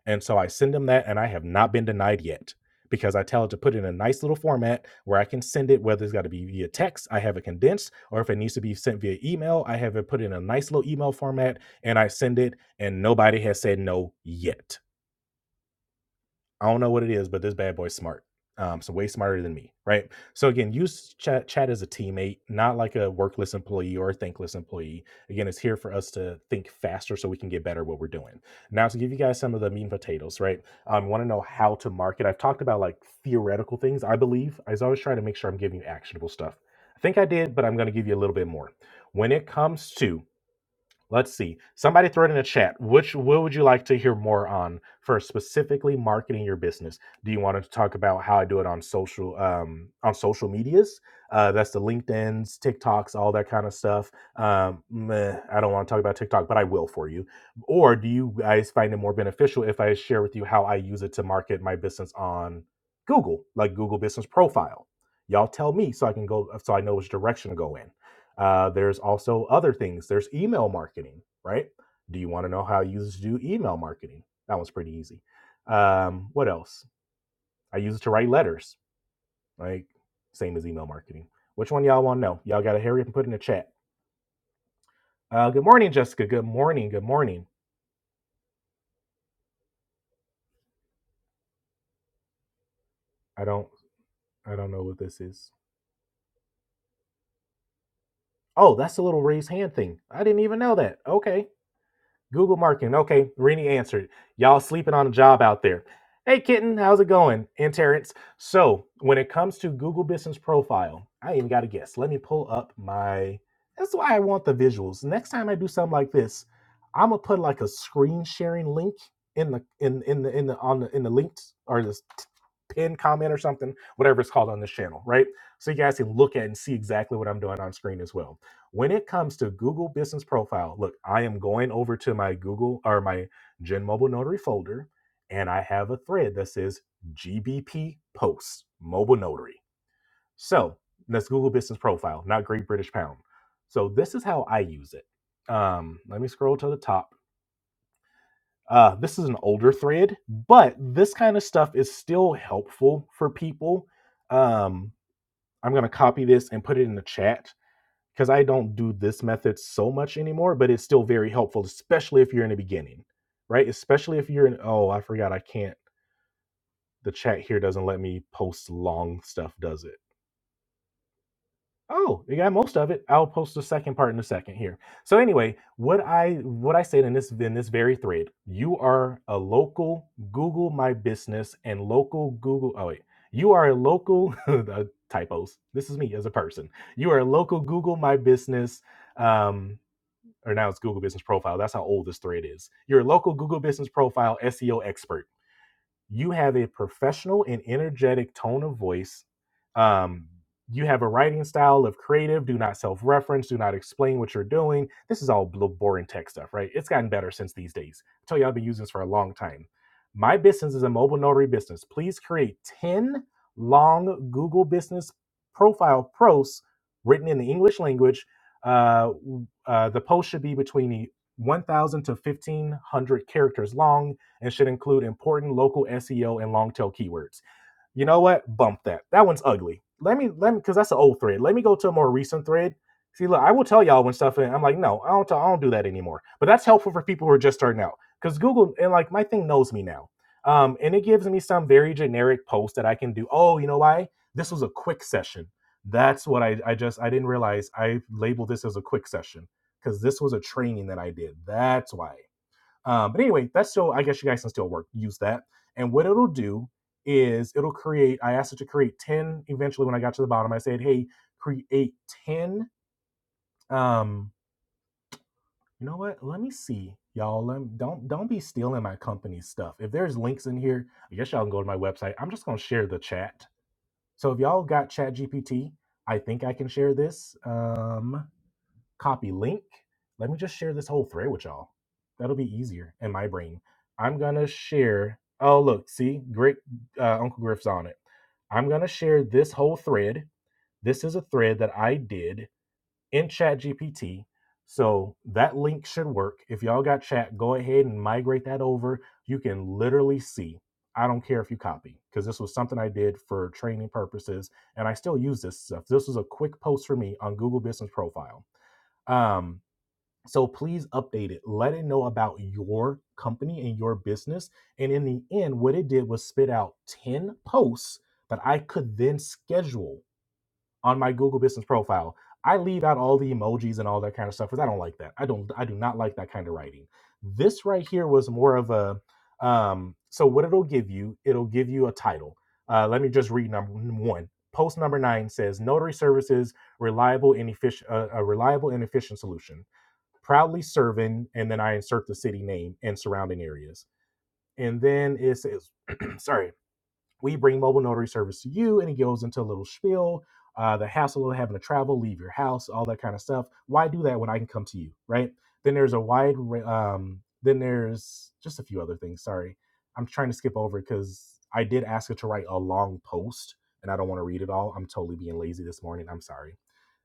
Speaker 1: And so I send them that, and I have not been denied yet because I tell it to put it in a nice little format where I can send it, whether it's got to be via text, I have it condensed, or if it needs to be sent via email, I have it put in a nice little email format and I send it, and nobody has said no yet. I don't know what it is, but this bad boy's smart. Um, so way smarter than me, right? So again, use chat chat as a teammate, not like a workless employee or a thankless employee. Again, it's here for us to think faster so we can get better at what we're doing. Now to give you guys some of the meat and potatoes, right? I Um, want to know how to market. I've talked about like theoretical things, I believe. I always try to make sure I'm giving you actionable stuff. I think I did, but I'm gonna give you a little bit more. When it comes to Let's see. Somebody throw it in the chat. Which what would you like to hear more on for specifically marketing your business? Do you want to talk about how I do it on social um, on social medias? Uh, that's the LinkedIn's, TikToks, all that kind of stuff. Um, meh, I don't want to talk about TikTok, but I will for you. Or do you guys find it more beneficial if I share with you how I use it to market my business on Google, like Google Business Profile? Y'all tell me so I can go so I know which direction to go in. Uh, there's also other things. There's email marketing, right? Do you want to know how users do email marketing? That one's pretty easy. Um, what else? I use it to write letters, right? Same as email marketing. Which one y'all want to know? Y'all got to hurry up and put in the chat. Uh, good morning, Jessica. Good morning. Good morning. I don't. I don't know what this is. Oh, that's the little raise hand thing. I didn't even know that. Okay. Google marketing. Okay, Rini answered. Y'all sleeping on a job out there. Hey, kitten, how's it going? And Terrence. So, when it comes to Google Business Profile, I even got to guess. Let me pull up my. That's why I want the visuals. Next time I do something like this, I'm gonna put like a screen sharing link in the in in the in the on the in the links or this t- pinned comment or something, whatever it's called on this channel, right? So you guys can look at and see exactly what I'm doing on screen as well when it comes to Google Business Profile, look, I am going over to my Google or my Gen Mobile Notary folder, and I have a thread that says GBP Posts Mobile Notary. So that's Google Business Profile, not Great British Pound. So this is how I use it. Um, let me scroll to the top. Uh, this is an older thread, but this kind of stuff is still helpful for people. Um, I'm going to copy this and put it in the chat because I don't do this method so much anymore, but it's still very helpful, especially if you're in the beginning, right? Especially if you're in, oh, I forgot I can't, the chat here doesn't let me post long stuff, does it? Oh, you got most of it. I'll post the second part in a second here. So anyway, what I what I said in this in this very thread, you are a local Google My Business and local Google. Oh wait, you are a local uh, typos. This is me as a person. You are a local Google My Business um, or now it's Google Business Profile. That's how old this thread is. Your local Google Business Profile SEO expert you have a professional and energetic tone of voice. Um, you have a writing style of creative, do not self reference, do not explain what you're doing. This is all bl- boring tech stuff, right? It's gotten better since these days. I tell you, I've been using this for a long time. My business is a mobile notary business. Please create 10 long Google business profile posts written in the English language. Uh, uh, the post should be between 1,000 to 1,500 characters long and should include important local SEO and long tail keywords. You know what? Bump that. That one's ugly. Let me let me because that's an old thread. Let me go to a more recent thread. See, look, I will tell y'all when stuff. And I'm like, no, I don't. I don't do that anymore. But that's helpful for people who are just starting out because Google and like my thing knows me now, um, and it gives me some very generic posts that I can do. Oh, you know why? This was a quick session. That's what I I just I didn't realize I labeled this as a quick session because this was a training that I did. That's why. Um, but anyway, that's still, I guess you guys can still work, use that. And what it'll do is it'll create, I asked it to create 10 eventually when I got to the bottom. I said, hey, create 10. Um, you know what? Let me see. Y'all, let, me, don't don't be stealing my company stuff. If there's links in here, I guess y'all can go to my website. I'm just gonna share the chat. So if y'all got ChatGPT, I think I can share this. Um, copy link. Let me just share this whole thread with y'all. That'll be easier in my brain. I'm gonna share. Oh, look, see, great uh, Uncle Griff's on it. I'm gonna share this whole thread. This is a thread that I did in Chat GPT. So that link should work. If y'all got chat, go ahead and migrate that over. You can literally see. I don't care if you copy because this was something I did for training purposes and I still use this stuff. This was a quick post for me on Google Business Profile. Um, so please update it. Let it know about your company and your business. And in the end, what it did was spit out 10 posts that I could then schedule on my Google Business profile. I leave out all the emojis and all that kind of stuff because I don't like that. I don't I do not like that kind of writing. This right here was more of a um so what it'll give you, it'll give you a title. Uh, let me just read number one. Post number nine says notary services reliable and efficient uh, a reliable and efficient solution proudly serving, and then I insert the city name and surrounding areas. And then it says, sorry, we bring mobile notary service to you, and it goes into a little spiel, uh, the hassle of having to travel, leave your house, all that kind of stuff. Why do that when I can come to you, right? Then there's a wide, ra- um, then there's just a few other things. Sorry, I'm trying to skip over it because I did ask her to write a long post, and I don't want to read it all. I'm totally being lazy this morning. I'm sorry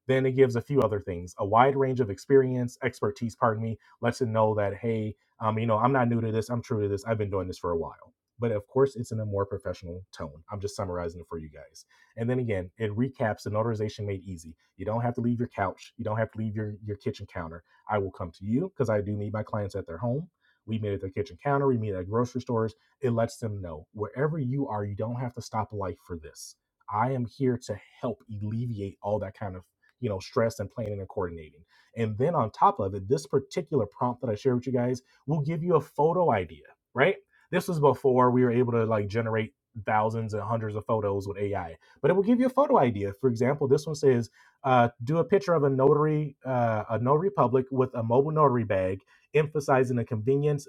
Speaker 1: then it gives a few other things, a wide range of experience, expertise, pardon me, lets it know that, hey, um, you know, I'm not new to this, I'm true to this, I've been doing this for a while. But of course, it's in a more professional tone. I'm just summarizing it for you guys. And then again, it recaps the notarization made easy. You don't have to leave your couch, you don't have to leave your, your kitchen counter. I will come to you because I do meet my clients at their home. We meet at their kitchen counter, we meet at grocery stores. It lets them know wherever you are, you don't have to stop life for this. I am here to help alleviate all that kind of you know stress and planning and coordinating and then on top of it this particular prompt that i shared with you guys will give you a photo idea right this was before we were able to like generate thousands and hundreds of photos with ai but it will give you a photo idea for example this one says uh, do a picture of a notary uh, a notary public with a mobile notary bag emphasizing the convenience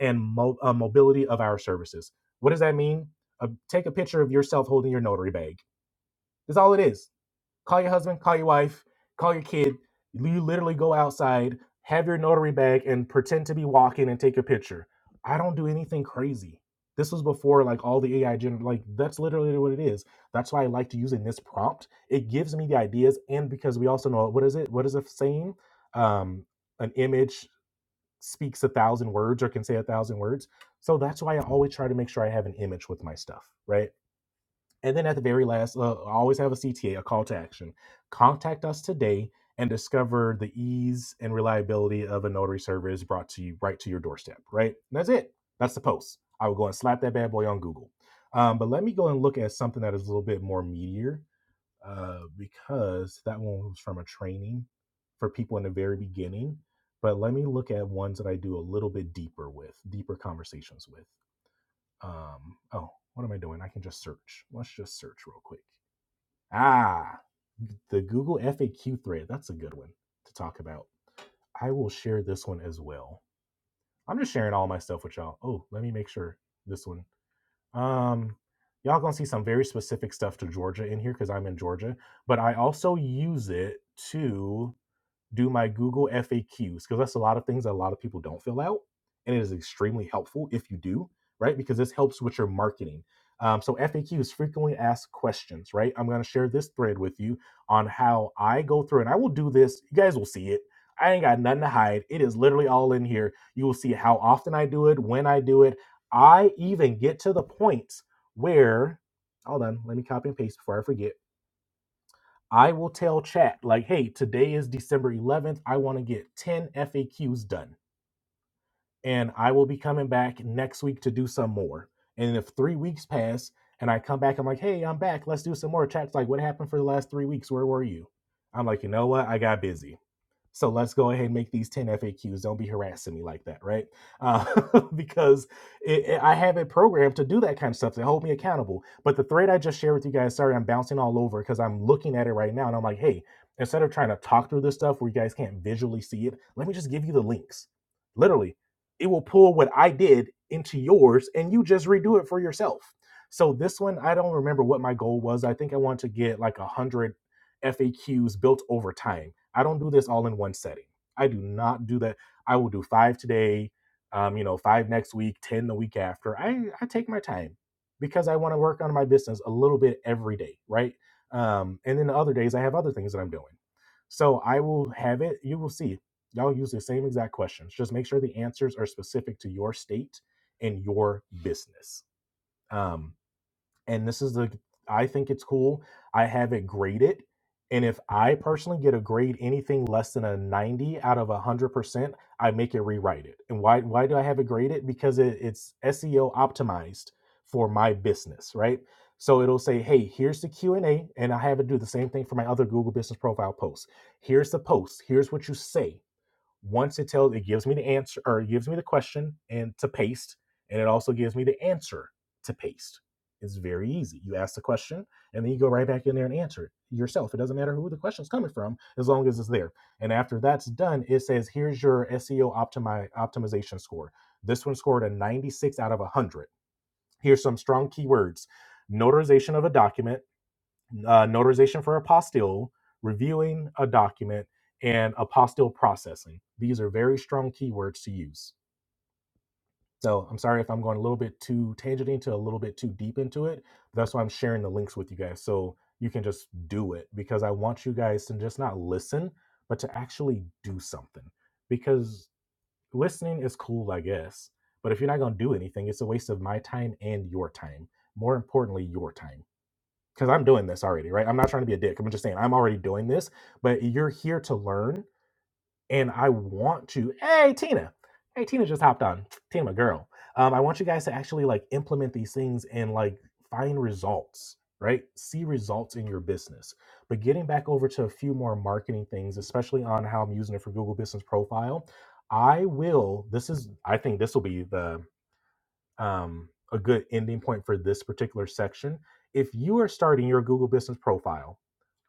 Speaker 1: and mo- uh, mobility of our services what does that mean uh, take a picture of yourself holding your notary bag that's all it is Call your husband, call your wife, call your kid. You literally go outside, have your notary bag, and pretend to be walking and take a picture. I don't do anything crazy. This was before like all the AI gen like that's literally what it is. That's why I like to use in this prompt. It gives me the ideas, and because we also know what is it? What is a saying? Um, an image speaks a thousand words or can say a thousand words. So that's why I always try to make sure I have an image with my stuff, right? And then at the very last, uh, always have a CTA, a a call to action. Contact us today and discover the ease and reliability of a notary service brought to you right to your doorstep, right? And that's it. That's the post. I would go and slap that bad boy on Google. Um, but let me go and look at something that is a little bit more meatier uh, because that one was from a training for people in the very beginning. But let me look at ones that I do a little bit deeper with, deeper conversations with. Um, oh, what am I doing? I can just search. Let's just search real quick. Ah, the Google FAQ thread. That's a good one to talk about. I will share this one as well. I'm just sharing all my stuff with y'all. Oh, let me make sure this one. Um, y'all gonna see some very specific stuff to Georgia in here because I'm in Georgia, but I also use it to do my Google FAQs because that's a lot of things that a lot of people don't fill out, and it is extremely helpful if you do, right? Because this helps with your marketing. Um, so FAQs, frequently asked questions, right? I'm going to share this thread with you on how I go through, and I will do this. You guys will see it. I ain't got nothing to hide. It is literally all in here. You will see how often I do it, when I do it. I even get to the point where, hold on, let me copy and paste before I forget I will tell chat, like, hey, today is December 11th. I want to get 10 FAQs done. And I will be coming back next week to do some more. And if three weeks pass and I come back, I'm like, hey, I'm back. Let's do some more. Chat's like, what happened for the last three weeks? Where were you? I'm like, you know what? I got busy. So let's go ahead and make these 10 FAQs. Don't be harassing me like that, right? Uh, because it, it- I have it programmed to do that kind of stuff to hold me accountable. But the thread I just shared with you guys, sorry, I'm bouncing all over because I'm looking at it right now and I'm like, hey, instead of trying to talk through this stuff where you guys can't visually see it, let me just give you the links. Literally, it will pull what I did into yours and you just redo it for yourself. So this one, I don't remember what my goal was. I think I want to get like a hundred FAQs built over time. I don't do this all in one setting. I do not do that. I will do five today, um, you know, five next week, 10 the week after. I, I take my time because I want to work on my business a little bit every day, right? Um, and then the other days I have other things that I'm doing. So I will have it, you will see. Y'all use the same exact questions. Just make sure the answers are specific to your state and your business. Um, and this is the I think it's cool. I have it graded, and if I personally get a grade anything less than a ninety out of one hundred percent, I make it rewrite it. And why why do I have it graded? Because it, it's SEO optimized for my business, right? So it'll say, hey, here's the Q and A, and I have it do the same thing for my other Google Business Profile posts. Here's the post. Here's what you say once it tells it gives me the answer or it gives me the question and to paste and it also gives me the answer to paste it's very easy you ask the question and then you go right back in there and answer it yourself it doesn't matter who the question is coming from as long as it's there and after that's done it says here's your seo optimi- optimization score this one scored a 96 out of 100 here's some strong keywords notarization of a document uh, notarization for apostille, reviewing a document, and apostille processing. These are very strong keywords to use. So I'm sorry if I'm going a little bit too tangent into a little bit too deep into it. That's why I'm sharing the links with you guys so you can just do it because I want you guys to just not listen, but to actually do something. Because listening is cool, I guess. But if you're not going to do anything, it's a waste of my time and your time. More importantly, your time because I'm doing this already, right? I'm not trying to be a dick. I'm just saying I'm already doing this, but you're here to learn, and I want to. Hey, Tina. Hey, Tina just hopped on. Tina, my girl. Um, I want you guys to actually like implement these things and like find results, right? See results in your business. But getting back over to a few more marketing things, especially on how I'm using it for Google Business Profile, I will. This is. I think this will be the um, a good ending point for this particular section. If you are starting your Google Business profile,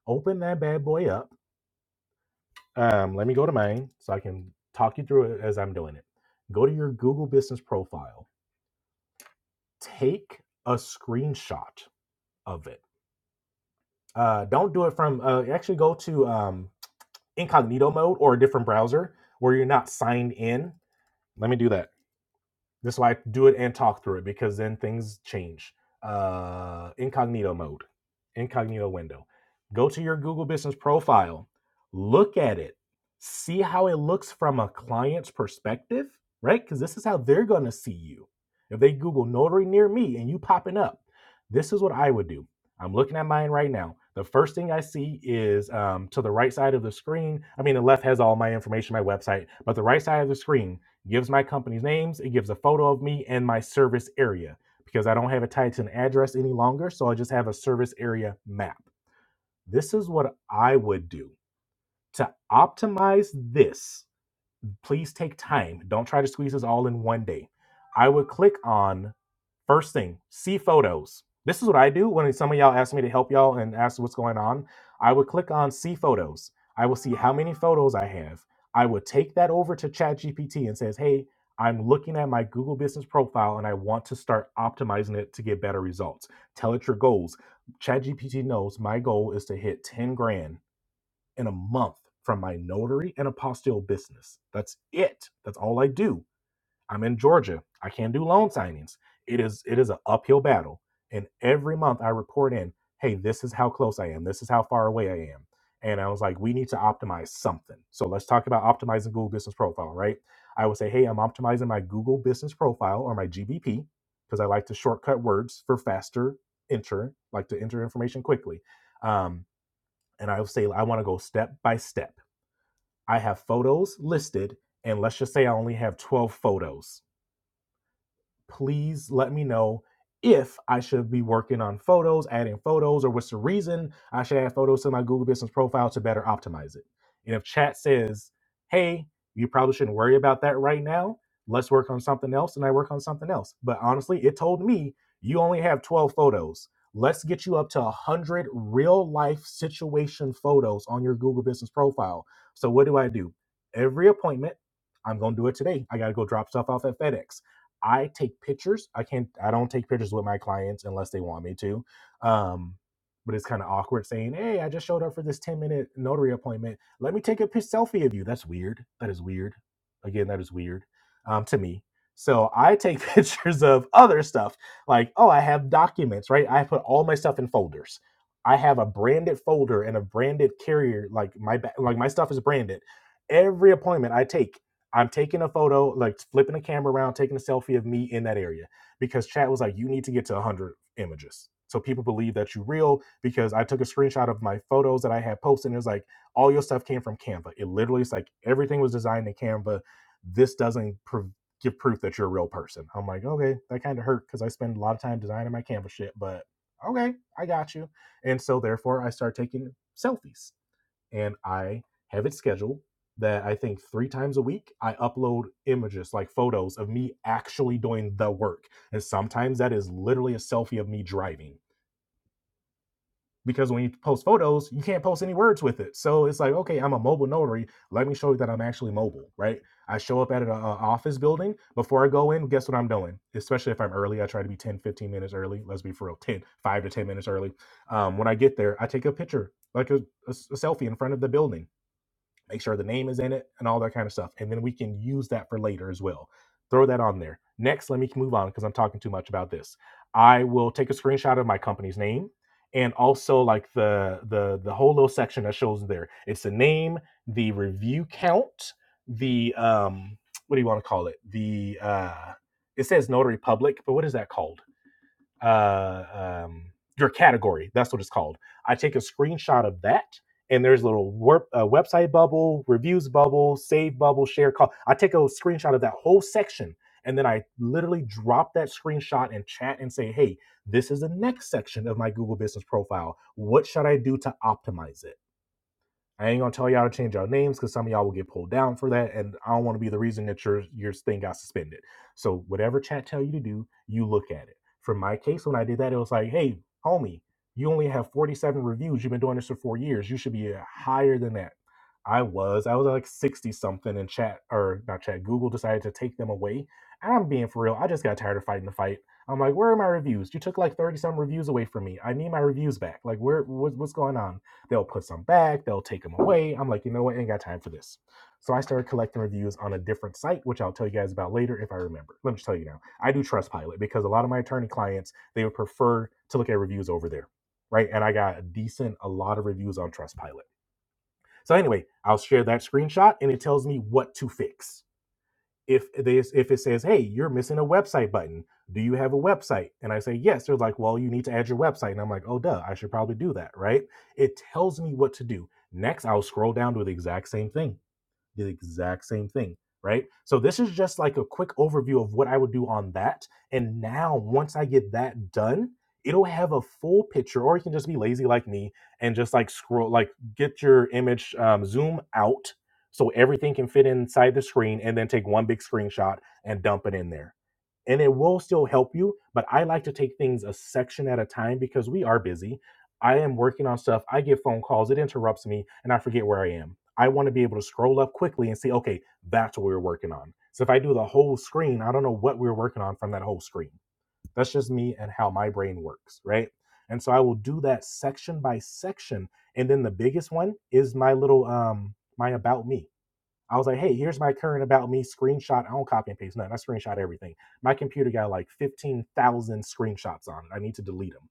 Speaker 1: open that bad boy up. Um, let me go to mine so I can talk you through it as I'm doing it. Go to your Google Business profile, take a screenshot of it. Uh, don't do it from, uh, actually go to um, incognito mode or a different browser where you're not signed in. Let me do that This is why I do it and talk through it because then things change. Uh, incognito mode, incognito window. Go to your Google Business profile, look at it, see how it looks from a client's perspective, right? Because this is how they're going to see you. If they Google notary near me and you popping up, this is what I would do. I'm looking at mine right now. The first thing I see is um, to the right side of the screen. I mean, the left has all my information, my website, but the right side of the screen gives my company's names, it gives a photo of me and my service area because I don't have it tied to an address any longer. So I just have a service area map. This is what I would do to optimize this please take time. Don't try to squeeze this all in one day. I would click on first thing, see photos. This is what I do when some of y'all ask me to help y'all and ask what's going on. I would click on see photos. I will see how many photos I have. I would take that over to ChatGPT and says, "Hey, I'm looking at my Google Business profile and I want to start optimizing it to get better results. Tell it your goals. ChatGPT knows my goal is to hit 10 grand in a month from my notary and apostille business. That's it. That's all I do. I'm in Georgia. I can't do loan signings. It is it is an uphill battle. And every month I report in, hey, this is how close I am. This is how far away I am. And I was like, we need to optimize something. So let's talk about optimizing Google Business Profile, right? I would say, hey, I'm optimizing my Google Business Profile or my GBP because I like to shortcut words for faster enter, like to enter information quickly. Um, and I will say I want to go step by step. I have photos listed, and let's just say I only have 12 photos please let me know if I should be working on photos, adding photos, or what's the reason I should add photos to my Google Business profile to better optimize it. And if chat says, hey, you probably shouldn't worry about that right now, let's work on something else, and I work on something else. But honestly, it told me you only have 12 photos. Let's get you up to 100 real life situation photos on your Google Business profile. So, what do I do? Every appointment, I'm going to do it today. I got to go drop stuff off at FedEx. I take pictures. I can't. I don't take pictures with my clients unless they want me to. Um, but it's kind of awkward saying, "Hey, I just showed up for this ten minute notary appointment. Let me take a pic- selfie of you." That's weird. That is weird. Again, that is weird um, to me. So I take pictures of other stuff, like oh, I have documents, right? I put all my stuff in folders. I have a branded folder and a branded carrier. Like my ba- like my stuff is branded. Every appointment I take I'm taking a photo, like flipping the camera around, taking a selfie of me in that area because chat was like, you need to get to 100 images. So people believe that you're real because I took a screenshot of my photos that I had posted. And it was like, all your stuff came from Canva. It literally is like everything was designed in Canva. This doesn't prov- give proof that you're a real person. I'm like, okay, that kind of hurt because I spend a lot of time designing my Canva shit, but okay, I got you. And so therefore, I start taking selfies and I have it scheduled that I think three times a week I upload images like photos of me actually doing the work. And sometimes that is literally a selfie of me driving. Because when you post photos, you can't post any words with it. So it's like, okay, I'm a mobile notary. Let me show you that I'm actually mobile, right? I show up at an uh, office building. Before I go in, guess what I'm doing? Especially if I'm early, I try to be 10, 15 minutes early. Let's be for real, 10, 5 to 10 minutes early. Um, when I get there, I take a picture, like a a, a selfie in front of the building make sure the name is in it and all that kind of stuff. And then we can use that for later as well. Throw that on there. Next, let me move on because I'm talking too much about this. I will take a screenshot of my company's name and also like the the the whole little section that shows there. It's the name, the review count, the um what do you want to call it? The uh it says notary public, but what is that called? uh, um, your category. That's what it's called. I take a screenshot of that, and there's a little wor- uh, website bubble, reviews bubble, save bubble, share call. I take a screenshot of that whole section, and then I literally drop that screenshot in chat and say, "Hey, this is the next section of my Google Business profile. What should I do to optimize it?" I ain't gonna tell y'all to change y'all names because some of y'all will get pulled down for that, and I don't want to be the reason that your your thing got suspended. So whatever chat tell you to do, you look at it. For my case, when I did that, it was like, hey, homie, you only have 47 reviews. You've been doing this for four years. You should be uh, higher than that. I was. I was like 60 something, and chat or not chat. Google decided to take them away. And I'm being for real. I just got tired of fighting the fight. I'm like, where are my reviews? You took like 30 some reviews away from me. I need my reviews back. Like, where? What, what's going on? They'll put some back, they'll take them away. I'm like, you know what? I Ain't got time for this. So I started collecting reviews on a different site, which I'll tell you guys about later if I remember. Let me just tell you now. I do Trustpilot because a lot of my attorney clients, they would prefer to look at reviews over there. Right. And I got a decent, a lot of reviews on Trustpilot. So anyway, I'll share that screenshot and it tells me what to fix if this if it says hey you're missing a website button do you have a website and i say yes they're like well you need to add your website and i'm like oh duh i should probably do that right it tells me what to do next i'll scroll down to the exact same thing the exact same thing, right? So this is just like a quick overview of what I would do on that. And now once I get that done, it'll have a full picture, or you can just be lazy like me and just like scroll, like get your image um, zoom out so everything can fit inside the screen and then take one big screenshot and dump it in there and it will still help you but i like to take things a section at a time because we are busy i am working on stuff i get phone calls it interrupts me and i forget where i am i want to be able to scroll up quickly and see okay that's what we were working on so if i do the whole screen i don't know what we were working on from that whole screen that's just me and how my brain works right and so i will do that section by section and then the biggest one is my little um my about me I was like, hey, here's my current about me screenshot. I don't copy and paste nothing. I screenshot everything. My computer got like 15,000 screenshots on it. I need to delete them.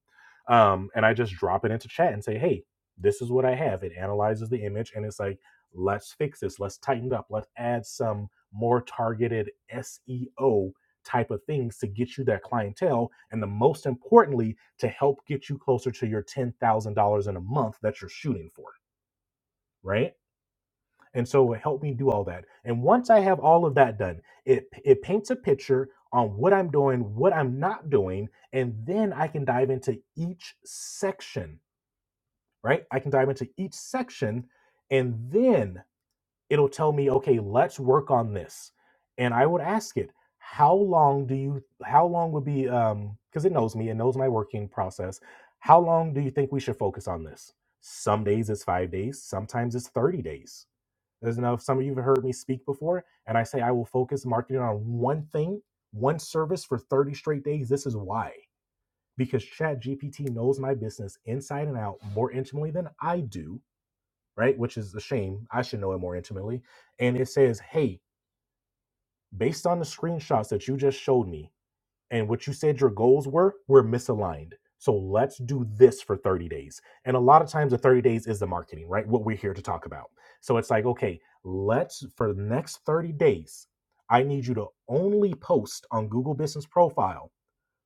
Speaker 1: Um, and I just drop it into chat and say, hey, this is what I have. It analyzes the image and it's like, let's fix this. Let's tighten it up. Let's add some more targeted SEO type of things to get you that clientele. And the most importantly, to help get you closer to your $10,000 in a month that you're shooting for. Right and so it helped me do all that. And once I have all of that done, it it paints a picture on what I'm doing, what I'm not doing, and then I can dive into each section, right? I can dive into each section and then it'll tell me, "Okay, let's work on this." And I would ask it, "How long do you how long would be um because it knows me, it knows my working process. How long do you think we should focus on this?" Some days it's 5 days, sometimes it's 30 days there's enough. Some of you have heard me speak before, and I say I will focus marketing on one thing, one service for 30 straight days. This is why. Because ChatGPT knows my business inside and out more intimately than I do, right? Which is a shame. I should know it more intimately. And it says, hey, based on the screenshots that you just showed me, and what you said your goals were were misaligned. So let's do this for 30 days. And a lot of times the 30 days is the marketing, right? What we're here to talk about. So it's like, okay, let's for the next 30 days, I need you to only post on Google Business Profile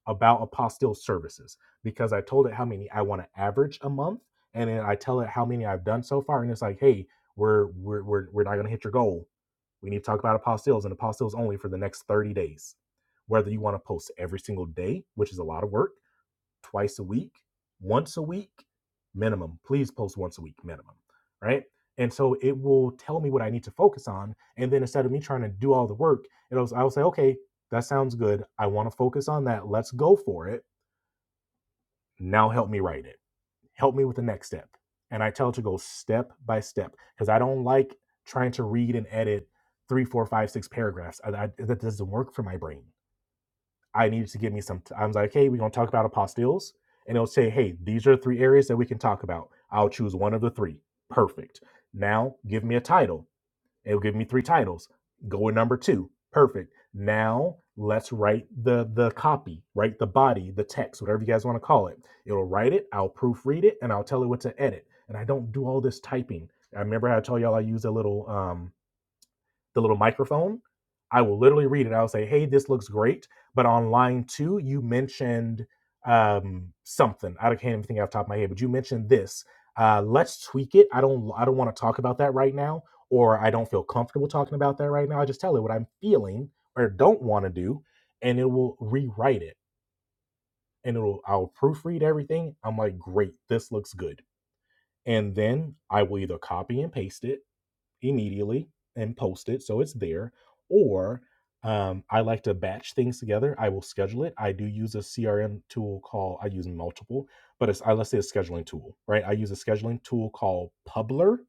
Speaker 1: about apostille services because I told it how many I want to average a month, and then I tell it how many I've done so far, and it's like, hey, we're we're we're, we're not gonna hit your goal. We need to talk about apostilles and apostilles only for the next 30 days. Whether you want to post every single day, which is a lot of work, twice a week, once a week minimum. Please post once a week minimum, right? And so it will tell me what I need to focus on. And then instead of me trying to do all the work, it'll I will say, okay, that sounds good. I want to focus on that. Let's go for it. Now help me write it. Help me with the next step. And I tell it to go step by step because I don't like trying to read and edit three, four, five, six paragraphs. I, I, that doesn't work for my brain I needed to give me some. T- I was like, hey, we're gonna talk about apostilles, and it'll say, hey, these are three areas that we can talk about. I'll choose one of the three. Perfect. Now give me a title. It'll give me three titles. Go with number two. Perfect. Now let's write the the copy, write the body, the text, whatever you guys want to call it. It'll write it. I'll proofread it, and I'll tell it what to edit. And I don't do all this typing. I remember I told y'all I use a little. Um, the little microphone, I will literally read it. I'll say, "Hey, this looks great," but on line two, you mentioned um, something. I can't even think off the top of my head, but you mentioned this. Uh, let's tweak it. I don't. I don't want to talk about that right now, or I don't feel comfortable talking about that right now. I just tell it what I'm feeling or don't want to do, and it will rewrite it. And it'll. I'll proofread everything. I'm like, great. This looks good. And then I will either copy and paste it immediately and post it so it's there or um, i like to batch things together i will schedule it i do use a crm tool called i use multiple but it's i let's say a scheduling tool right i use a scheduling tool called publer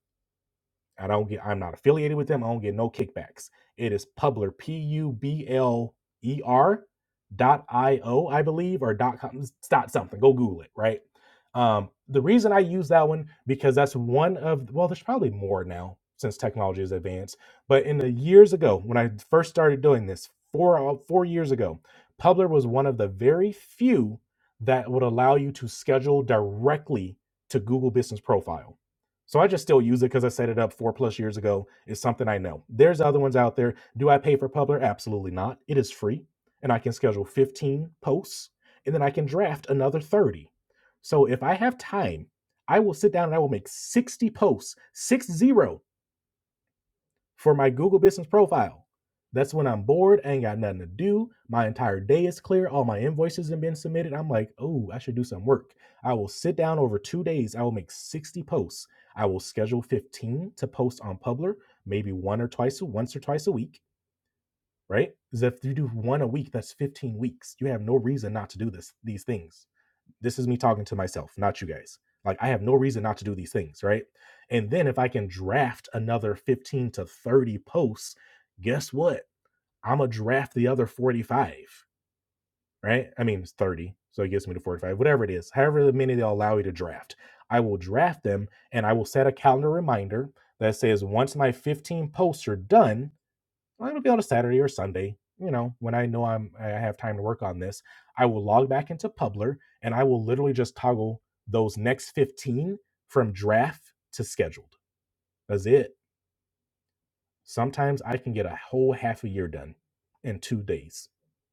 Speaker 1: I don't get. I'm not affiliated with them. I don't get no kickbacks. It is Publer, P U B L E R dot I O, I believe, or dot com, dot something. Go Google it. Right. Um, the reason I use that one because that's one of well, there's probably more now since technology is advanced. But in the years ago when I first started doing this, four uh, four years ago, Publer was one of the very few that would allow you to schedule directly to Google Business Profile. So I just still use it because I set it up four plus years ago. It's something I know. There's other ones out there. Do I pay for Publer? Absolutely not. It is free, and I can schedule 15 posts, and then I can draft another 30. So if I have time, I will sit down and I will make 60 posts, six zero, for my Google business profile. That's when I'm bored, I ain't got nothing to do. My entire day is clear. All my invoices have been submitted. I'm like, oh, I should do some work. I will sit down over two days. I will make 60 posts. I will schedule 15 to post on Publer, maybe one or twice, once or twice a week, right? Because if you do one a week, that's 15 weeks. You have no reason not to do this, these things this is me talking to myself, not you guys. Like I have no reason not to do these things, right? And then if I can draft another 15 to 30 posts, guess what? I'm gonna draft the other 45, right? I mean, it's 30, so it gets me to 45, whatever it is, however many they'll allow you to draft. I will draft them and I will set a calendar reminder that says once my 15 posts are done, well, it'll be on a Saturday or Sunday. You know, when I know I'm I have time to work on this, I will log back into Publer and I will literally just toggle those next 15 from draft to scheduled. That's it. Sometimes I can get a whole half a year done in two days,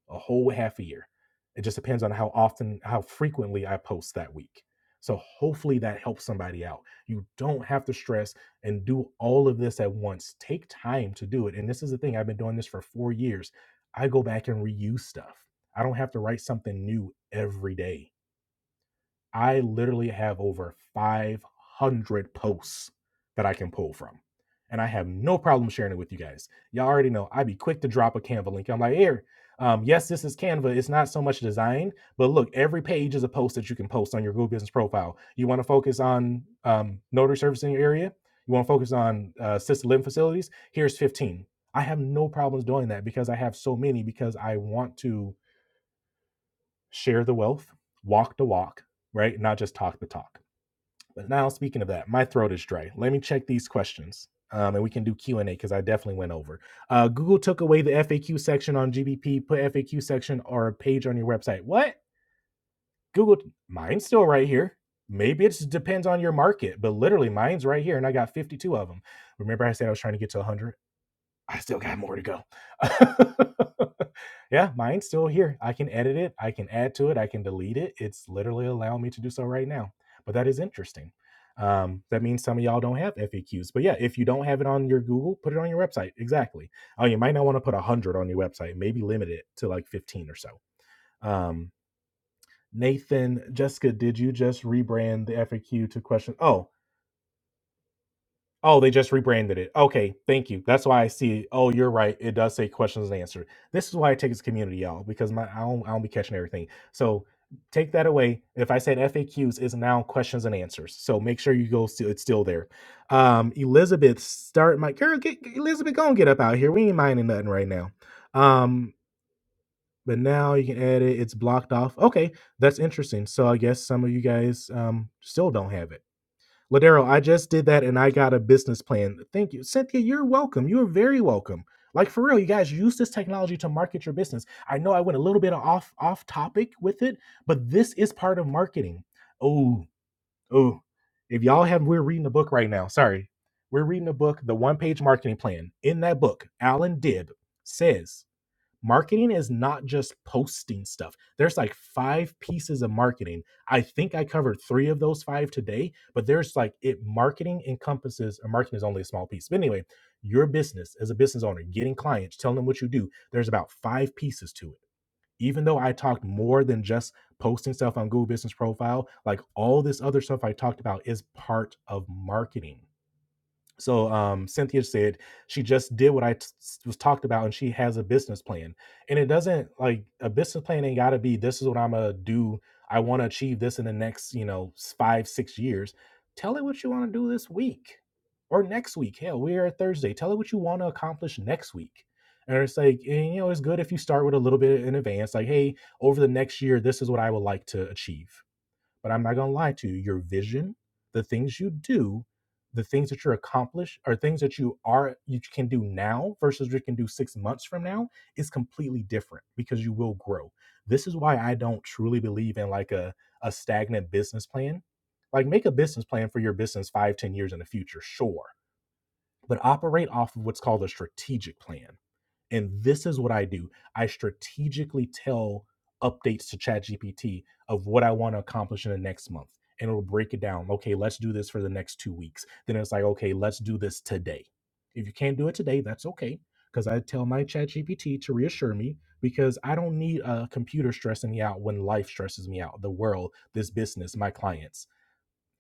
Speaker 1: a whole half a year. It just depends on how often, how frequently I post that week. So hopefully that helps somebody out. You don't have to stress and do all of this at once. Take time to do it. And this is the thing I've been doing this for four years. I go back and reuse stuff. I don't have to write something new every day I literally have over 500 posts that I can pull from. And I have no problem sharing it with you guys. Y'all already know I'd be quick to drop a Canva link. I'm like, here, um, yes, this is Canva. It's not so much design, but look, every page is a post that you can post on your Google Business profile. You want to focus on um, notary service in your area? You want to focus on uh, assisted living facilities? Here's 15. I have no problems doing that because I have so many because I want to share the wealth, walk the walk, right? Not just talk the talk. But now, speaking of that, my throat is dry. Let me check these questions, um, and we can do Q and A because I definitely went over. Uh, Google took away the FAQ section on GBP. Put FAQ section or a page on your website. What? Google? Mine's still right here. Maybe it just depends on your market, but literally, mine's right here, and I got fifty-two of them. Remember, I said I was trying to get to one hundred. I still got more to go. yeah, mine's still here. I can edit it, I can add to it, I can delete it. It's literally allowing me to do so right now. But that is interesting. Um, that means some of y'all don't have FAQs. But yeah, if you don't have it on your Google, put it on your website. Exactly. Oh, you might not want to put 100 on your website, maybe limit it to like 15 or so. Um, Nathan, Jessica, did you just rebrand the FAQ to question? Oh, Oh, they just rebranded it. Okay, thank you. That's why I see. Oh, you're right. It does say questions and answer. This is why I take this community, y'all, because my I don't I don't be catching everything. So take that away. If I said FAQs is now questions and answers. So make sure you go still it's still there. Um, Elizabeth, start my girl, get get- Elizabeth, go and get up out here. We ain't minding nothing right now. Um, but now you can add it, it's blocked off. Okay, that's interesting. So I guess some of you guys um still don't have it. Ladero, I just did that and I got a business plan. Thank you. Cynthia, you're welcome. You are very welcome. Like for real, you guys use this technology to market your business. I know I went a little bit off off topic with it, but this is part of marketing. Oh, oh. If y'all have we're reading a book right now. Sorry. We're reading a book, The One Page Marketing Plan. In that book, Alan Dibb says marketing is not just posting stuff. There's like five pieces of marketing. I think I covered three of those five today, but there's like it marketing encompasses or marketing is only a small piece. But anyway, your business as a business owner, getting clients, telling them what you do, there's about five pieces to it. Even though I talked more than just posting stuff on Google Business Profile, like all this other stuff I talked about is part of marketing so um, Cynthia said she just did what I t- s- was talked about, and she has a business plan. And it doesn't like a business plan ain't got to be this is what I'm gonna do. I want to achieve this in the next you know s- five six years. Tell it what you want to do this week or next week. Hell, we are Thursday. Tell it what you want to accomplish next week. And it's like and, you know it's good if you start with a little bit in advance. Like hey, over the next year, this is what I would like to achieve but I'm not going to lie to you. Your vision, the things you do, the things that you accomplish, are things that you are you can do now versus you can do six months from now is completely different because you will grow. This is why I don't truly believe in like a a stagnant business plan. Like make a business plan for your business five, ten years in the future, sure, but operate off of what's called a strategic plan and this is what I do. I strategically tell updates to ChatGPT of what I want to accomplish in the next month. And it'll break it down. Okay, let's do this for the next two weeks. Then it's like, okay, let's do this today. If you can't do it today, that's okay. Because I tell my ChatGPT to reassure me because I don't need a computer stressing me out when life stresses me out, the world, this business, my clients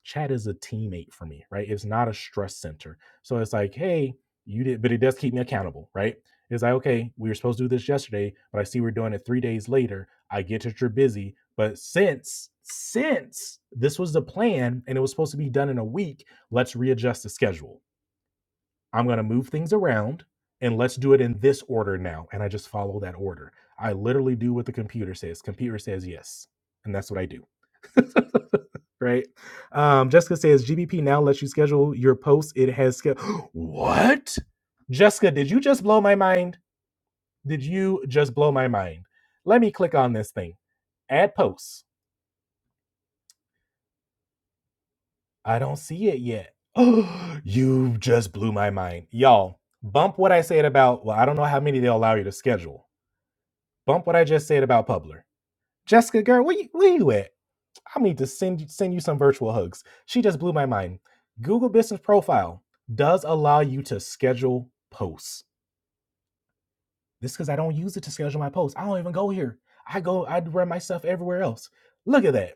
Speaker 1: chat is a teammate for me, right? It's not a stress center. So it's like, hey, you did, but it does keep me accountable, right? It's like, okay, we were supposed to do this yesterday, but I see we're doing it three days later. I get that you're busy, but since since this was the plan and it was supposed to be done in a week, let's readjust the schedule. I'm gonna move things around and let's do it in this order now. And I just follow that order. I literally do what the computer says. Computer says yes, and that's what I do. right? Um, Jessica says GBP now lets you schedule your posts. It has ske- what? Jessica, did you just blow my mind? Did you just blow my mind? Let me click on this thing. Add posts. I don't see it yet. you just blew my mind, y'all. Bump what I said about. Well, I don't know how many they'll allow you to schedule. Bump what I just said about Publer Jessica, girl, where you, where you at? I need to send you, send you some virtual hugs. She just blew my mind. Google Business Profile does allow you to schedule posts. This is because I don't use it to schedule my posts. I don't even go here. I go, I run my stuff everywhere else. Look at that.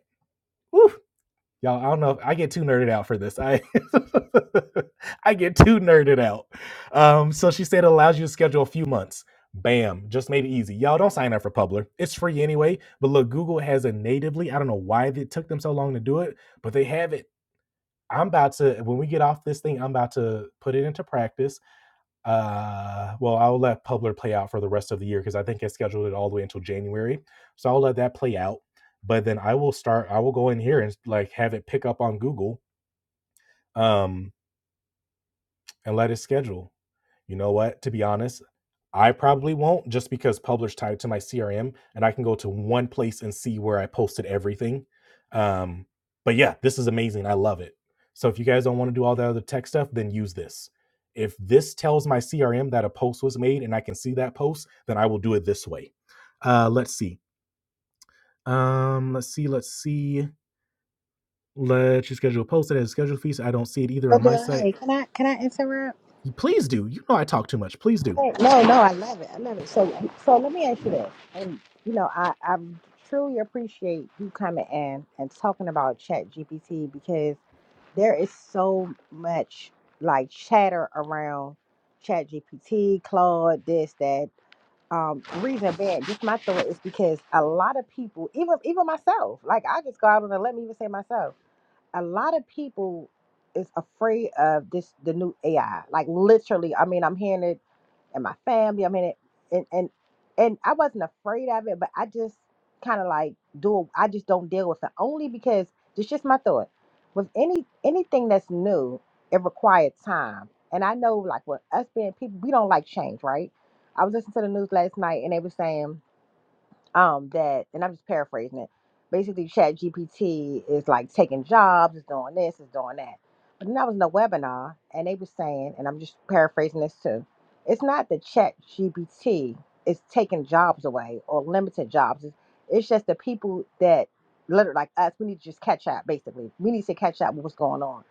Speaker 1: Woo y'all. I don't know if I get too nerded out for this. I I get too nerded out. Um, so she said it allows you to schedule a few months. Bam, just made it easy. Y'all don't sign up for Publer. It's free anyway. But look, Google has it natively. I don't know why it took them so long to do it, but they have it. I'm about to when we get off this thing, I'm about to put it into practice uh well i'll let publer play out for the rest of the year because i think i scheduled it all the way until january so i'll let that play out but then i will start i will go in here and like have it pick up on google um and let it schedule you know what to be honest I probably won't just because Publish tied to my CRM and I can go to one place and see where I posted everything. Um, but yeah, this is amazing. I love it. So if you guys don't want to do all that other tech stuff, then use this. If this tells my CRM that a post was made and I can see that post, then I will do it this way. Uh, let's see. Um, let's see. Let's see. Let's you schedule a post that has schedule fees. I don't see it either on
Speaker 2: But,
Speaker 1: my
Speaker 2: uh,
Speaker 1: site.
Speaker 2: hey, Can I can I interrupt?
Speaker 1: Please do. You know I talk too much. Please do.
Speaker 2: Hey, No, no, I love it. I love it. So, so let me ask you this, and you know, I I truly appreciate you coming in and talking about Chat GPT because there is so much like chatter around Chat GPT, Claude, this, that. Um, reason being, just my thought is because a lot of people, even even myself, like I just go out on a let me even say myself, a lot of people is afraid of this the new AI. Like literally, I mean, I'm hearing it and my family. I mean, it, and and and I wasn't afraid of it, but I just kind of like do. I just don't deal with it only because it's just my thought. With any anything that's new, it required time, and I know like with us being people, we don't like change, right? I was listening to the news last night, and they were saying um that and I'm just paraphrasing it. Basically Chat GPT is like taking jobs, it's doing this, it's doing that. But then I was in a webinar and they were saying, and I'm just paraphrasing this too, it's not that Chat GPT is taking jobs away or limited jobs. It's, it's just the people that literally like us, we need to just catch up basically. We need to catch up with what's going on.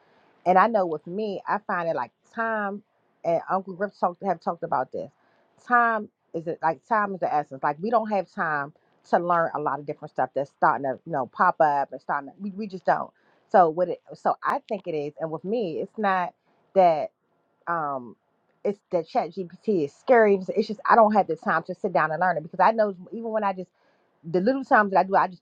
Speaker 2: And I know with me, I find it like time and Uncle Griff talked have talked about this. Time is it like time is the essence. Like we don't have time to learn a lot of different stuff that's starting to you know pop up and starting to, we, we just don't so what it so i think it is and with me it's not that um it's that chat gpt is scary it's it's just i don't have the time to sit down and learn it because i know even when i just the little times that i do i just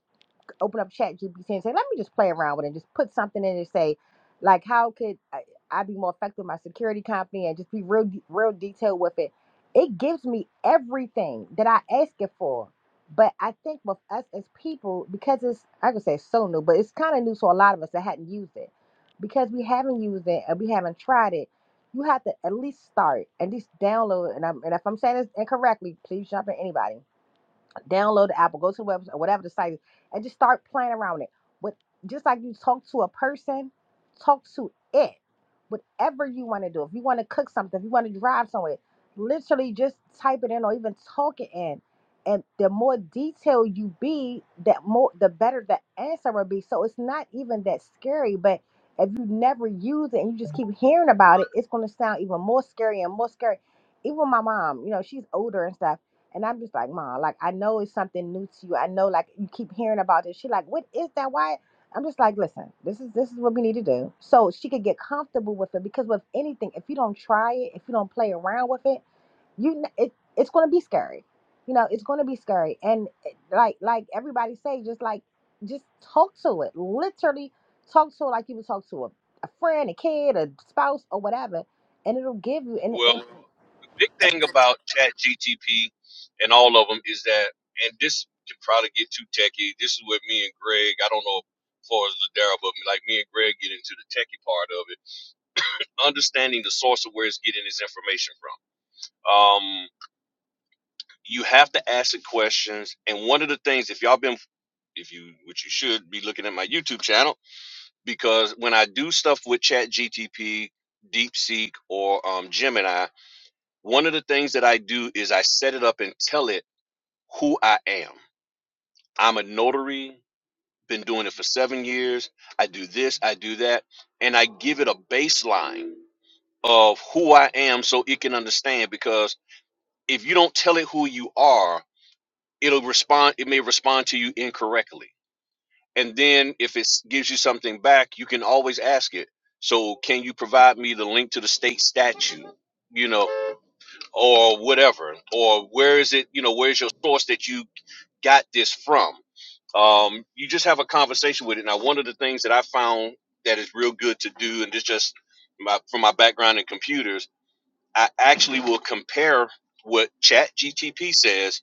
Speaker 2: open up chat gpt and say let me just play around with it and just put something in and say like how could i, I be more effective with my security company and just be real de- real detailed with it it gives me everything that i ask it for but i think with us as people because it's i could say it's so new but it's kind of new to a lot of us that hadn't used it because we haven't used it and we haven't tried it you have to at least start at least download and, I'm, and if i'm saying this incorrectly please jump in anybody download the app or go to the website or whatever the site is and just start playing around with it. But just like you talk to a person, talk to it. Whatever you want to do. If you want to cook something, if you want to drive somewhere, literally just type it in or even talk it in. And the more detailed you be, that more the better the answer will be. So it's not even that scary, but if you never use it and you just keep hearing about it, it's gonna sound even more scary and more scary. Even my mom, you know, she's older and stuff and I'm just like, Mom, like I know it's something new to you. I know like you keep hearing about this. She like, what is that? Why? I'm just like, listen, this is this is what we need to do. So she could get comfortable with it because with anything, if you don't try it, if you don't play around with it, you kn- it, it's going to be scary you know it's going to be scary and it- like like everybody say just like just talk to it literally talk to it like you would talk to a, a friend a kid a spouse or whatever and it'll give you and
Speaker 3: Well,
Speaker 2: it,
Speaker 3: the big thing about Chat GTP and all of them is that, and this can probably get too techie. This is what me and Greg, I don't know as far as Ladera, but like me and Greg get into the techie part of it. Understanding the source of where it's getting its information from. Um, you have to ask the questions. And one of the things, if y'all been, if you, which you should be looking at my YouTube channel, because when I do stuff with ChatGTP, DeepSeek, or um, Gemini, one of the things that I do is I set it up and tell it who I am. I'm a notary, been doing it for seven years. I do this, I do that, and I give it a baseline of who I am so it can understand. Because if you don't tell it who you are, it'll respond, it may respond to you incorrectly and then if it gives you something back you can always ask it so can you provide me the link to the state statute you know or whatever or where is it you know where's your source that you got this from um, you just have a conversation with it now one of the things that i found that is real good to do and this just my, from my background in computers i actually will compare what chat gtp says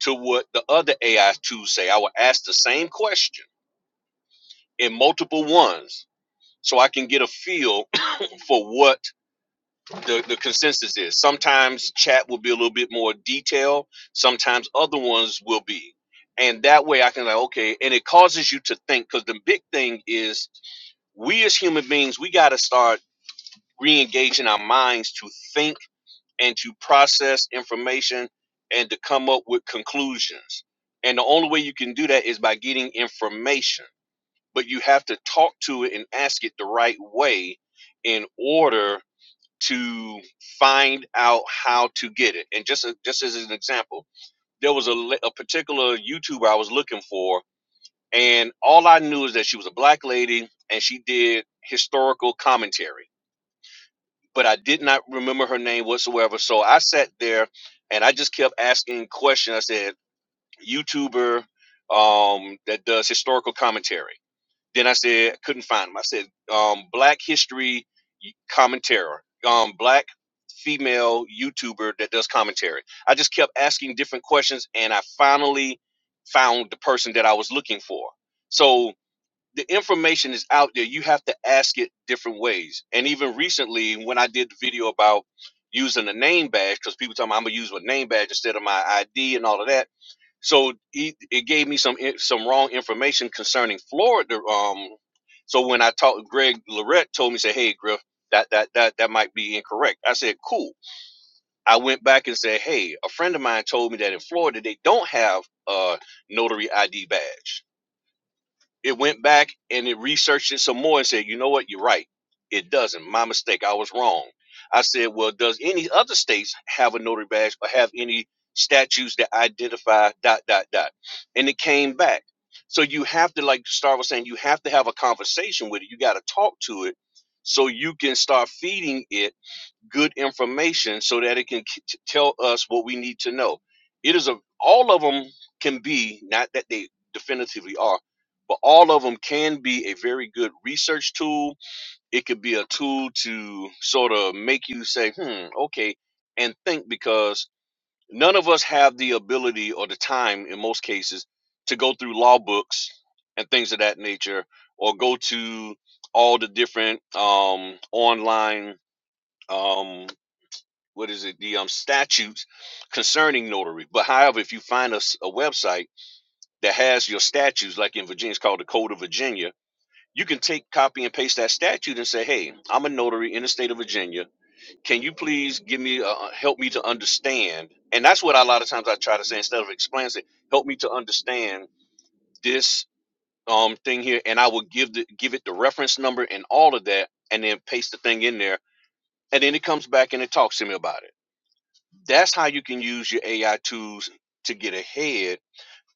Speaker 3: to what the other ai tools say i will ask the same question in multiple ones so I can get a feel for what the, the consensus is. Sometimes chat will be a little bit more detailed, sometimes other ones will be. And that way I can like, okay, and it causes you to think because the big thing is we as human beings, we gotta start re-engaging our minds to think and to process information and to come up with conclusions. And the only way you can do that is by getting information but you have to talk to it and ask it the right way in order to find out how to get it. And just just as an example, there was a, a particular YouTuber I was looking for, and all I knew is that she was a black lady and she did historical commentary, but I did not remember her name whatsoever. So I sat there and I just kept asking questions. I said, "YouTuber." um that does historical commentary then I said, couldn't find them. I said, um, Black History Commentary, um, Black female YouTuber that does commentary. I just kept asking different questions and I finally found the person that I was looking for. So the information is out there. You have to ask it different ways. And even recently, when I did the video about using a name badge, because people tell me I'm going to use my name badge instead of my ID and all of that so he, it gave me some in- some wrong information concerning Florida. Um, so when I talked, Greg Lorette told me, say, "Hey, Griff, that that that that might be incorrect." I said, "Cool." I went back and said, "Hey, a friend of mine told me that in Florida they don't have a notary ID badge." It went back and it researched it some more and said, you know what, you're right. It doesn't. My mistake. I was wrong. I said, well, does any other states have a notary badge or have any statutes that identify dot dot dot? And it came back. So you have to, like Star was saying, you have to have a conversation with it. You got to talk to it so you can start feeding it good information so that it can k- t- tell us what we need to know. It is a all of them can be not that they definitively are, but all of them can be a very good research tool. It could be a tool to sort of make you say, "Hmm, okay," and think because none of us have the ability or the time in most cases to go through law books and things of that nature or go to all the different um online um, what is it the um statutes concerning notary but however if you find a a website that has your statutes like in virginia it's called the code of virginia you can take copy and paste that statute and say hey i'm a notary in the state of virginia can you please give me uh, uh, help me to understand and that's what a lot of times i try to say instead of explaining it help me to understand this um thing here and i will give the give it the reference number and all of that and then paste the thing in there and then it comes back and it talks to me about it that's how you can use your AI tools to get ahead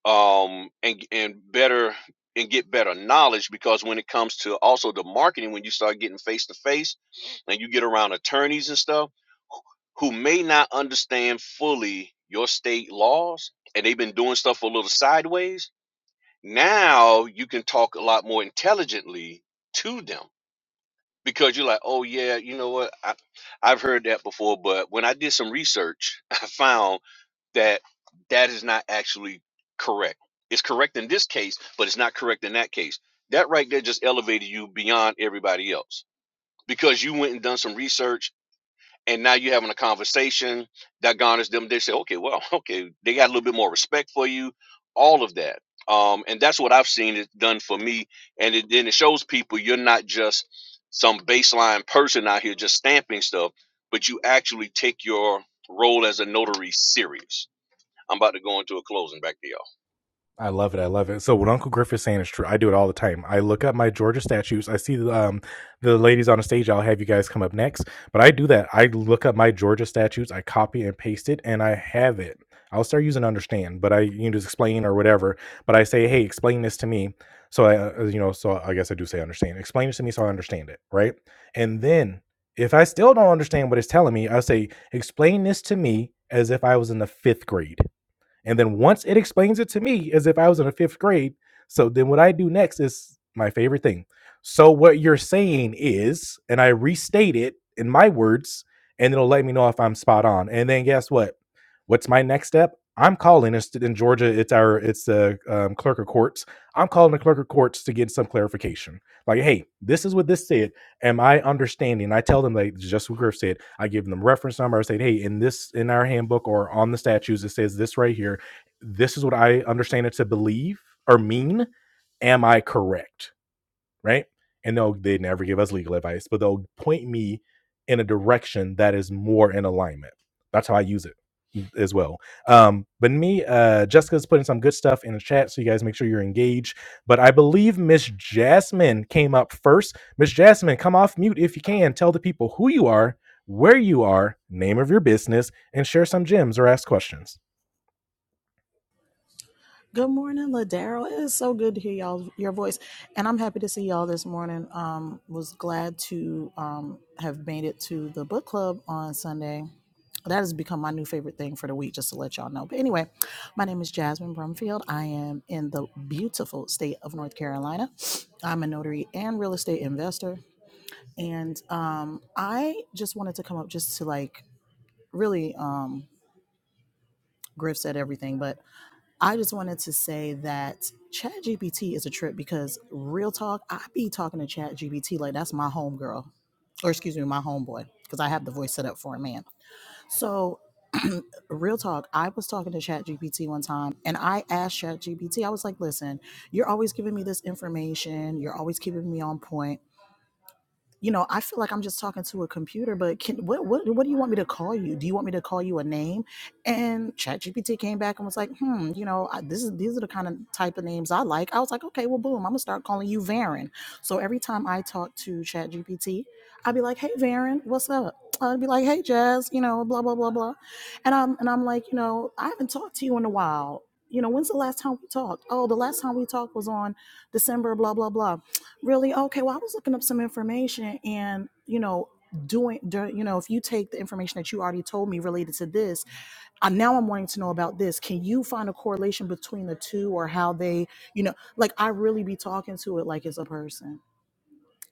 Speaker 3: um, and and better and get better knowledge because when it comes to also the marketing, when you start getting face to face and you get around attorneys and stuff who may not understand fully your state laws and they've been doing stuff a little sideways, now you can talk a lot more intelligently to them because you're like, oh yeah, you know what, I, I've heard that before, but when I did some research, I found that that is not actually correct. It's correct in this case, but it's not correct in that case. That right there just elevated you beyond everybody else because you went and done some research and now you're having a conversation that garners them. They say, okay, well, okay, they got a little bit more respect for you, all of that. Um, and that's what I've seen it done for me. And it, then it shows people you're not just some baseline person out here just stamping stuff, but you actually take your role as a notary serious I'm about to go into a closing back to y'all.
Speaker 1: I love it. I love it. So what Uncle Griff is saying is true. I do it all the time. I look up my Georgia statues. I see the, um, the ladies on the stage. I'll have you guys come up next. But I do that. I look up my Georgia statues. I copy and paste it, and I have it. I'll start using understand, but I you know just explain or whatever. But I say, hey, explain this to me. So I uh, you know so I guess I do say understand. Explain this to me so I understand it, right? And then if I still don't understand what it's telling me, I say, explain this to me as if I was in the fifth grade and then once it explains it to me as if I was in a fifth grade, so then what I do next is my favorite thing. So what you're saying is, and I restate it in my words, and it'll let me know if I'm spot on. And then guess what? What's my next step? I'm calling it's in Georgia. It's our it's the um, clerk of courts. I'm calling the clerk of courts to get some clarification. Like, hey, this is what this said am I understanding? I tell them like just what Griff said. I give them reference number. I say, hey, in this in our handbook or on the statutes, it says this right here. This is what I understand it to believe or mean. Am I correct? right? And they'll they never give us legal advice, but they'll point me in a direction that is more in alignment. That's how I use it as well. Um, but me, uh, Jessica's putting some good stuff in the chat, so you guys make sure you're engaged. But I believe Miss Jasmine came up first. Miss Jasmine, come off mute if you can. Tell the people who you are, where you are, name of your business, and share some gems or ask questions.
Speaker 4: Good morning, Ladero. It is so good to hear y'all your voice, and I'm happy to see y'all this morning. Um, was glad to um have made it to the book club on Sunday. That has become my new favorite thing for the week, just to let y'all know. But anyway, my name is Jasmine Brumfield. I am in the beautiful state of North Carolina. I'm a notary and real estate investor, and um, I just wanted to come up just to like really um, Griff said everything, but I just wanted to say that ChatGPT is a trip because real talk, I be talking to ChatGPT like that's my homegirl, or excuse me, my homeboy, because I have the voice set up for a man. So, real talk, I was talking to ChatGPT one time and I asked ChatGPT, I was like, listen, you're always giving me this information, you're always keeping me on point you know, I feel like I'm just talking to a computer, but can what what what do you want me to call you? Do you want me to call you a name? And ChatGPT came back and was like, hmm, you know, I, this is these are the kind of type of names I like. I was like, okay, well, boom, I'm gonna start calling you Varen. So every time I talk to ChatGPT, I'd be like, hey, Varen, what's up? I'd be like, hey, Jazz, you know, blah blah blah blah, and I'm and I'm like, you know, I haven't talked to you in a while. You know, when's the last time we talked? Oh, the last time we talked was on December, blah blah blah really okay well i was looking up some information and you know doing you know if you take the information that you already told me related to this i now i'm wanting to know about this can you find a correlation between the two or how they you know like i really be talking to it like it's a person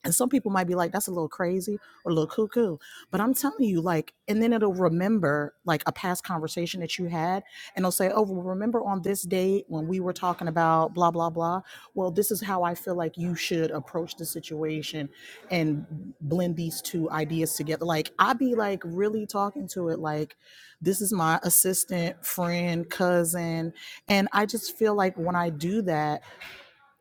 Speaker 4: and some people might be like, that's a little crazy or a little cuckoo. But I'm telling you, like, and then it'll remember like a past conversation that you had. And it'll say, oh, well, remember on this date when we were talking about blah, blah, blah. Well, this is how I feel like you should approach the situation and blend these two ideas together. Like, i be like really talking to it like, this is my assistant, friend, cousin. And I just feel like when I do that,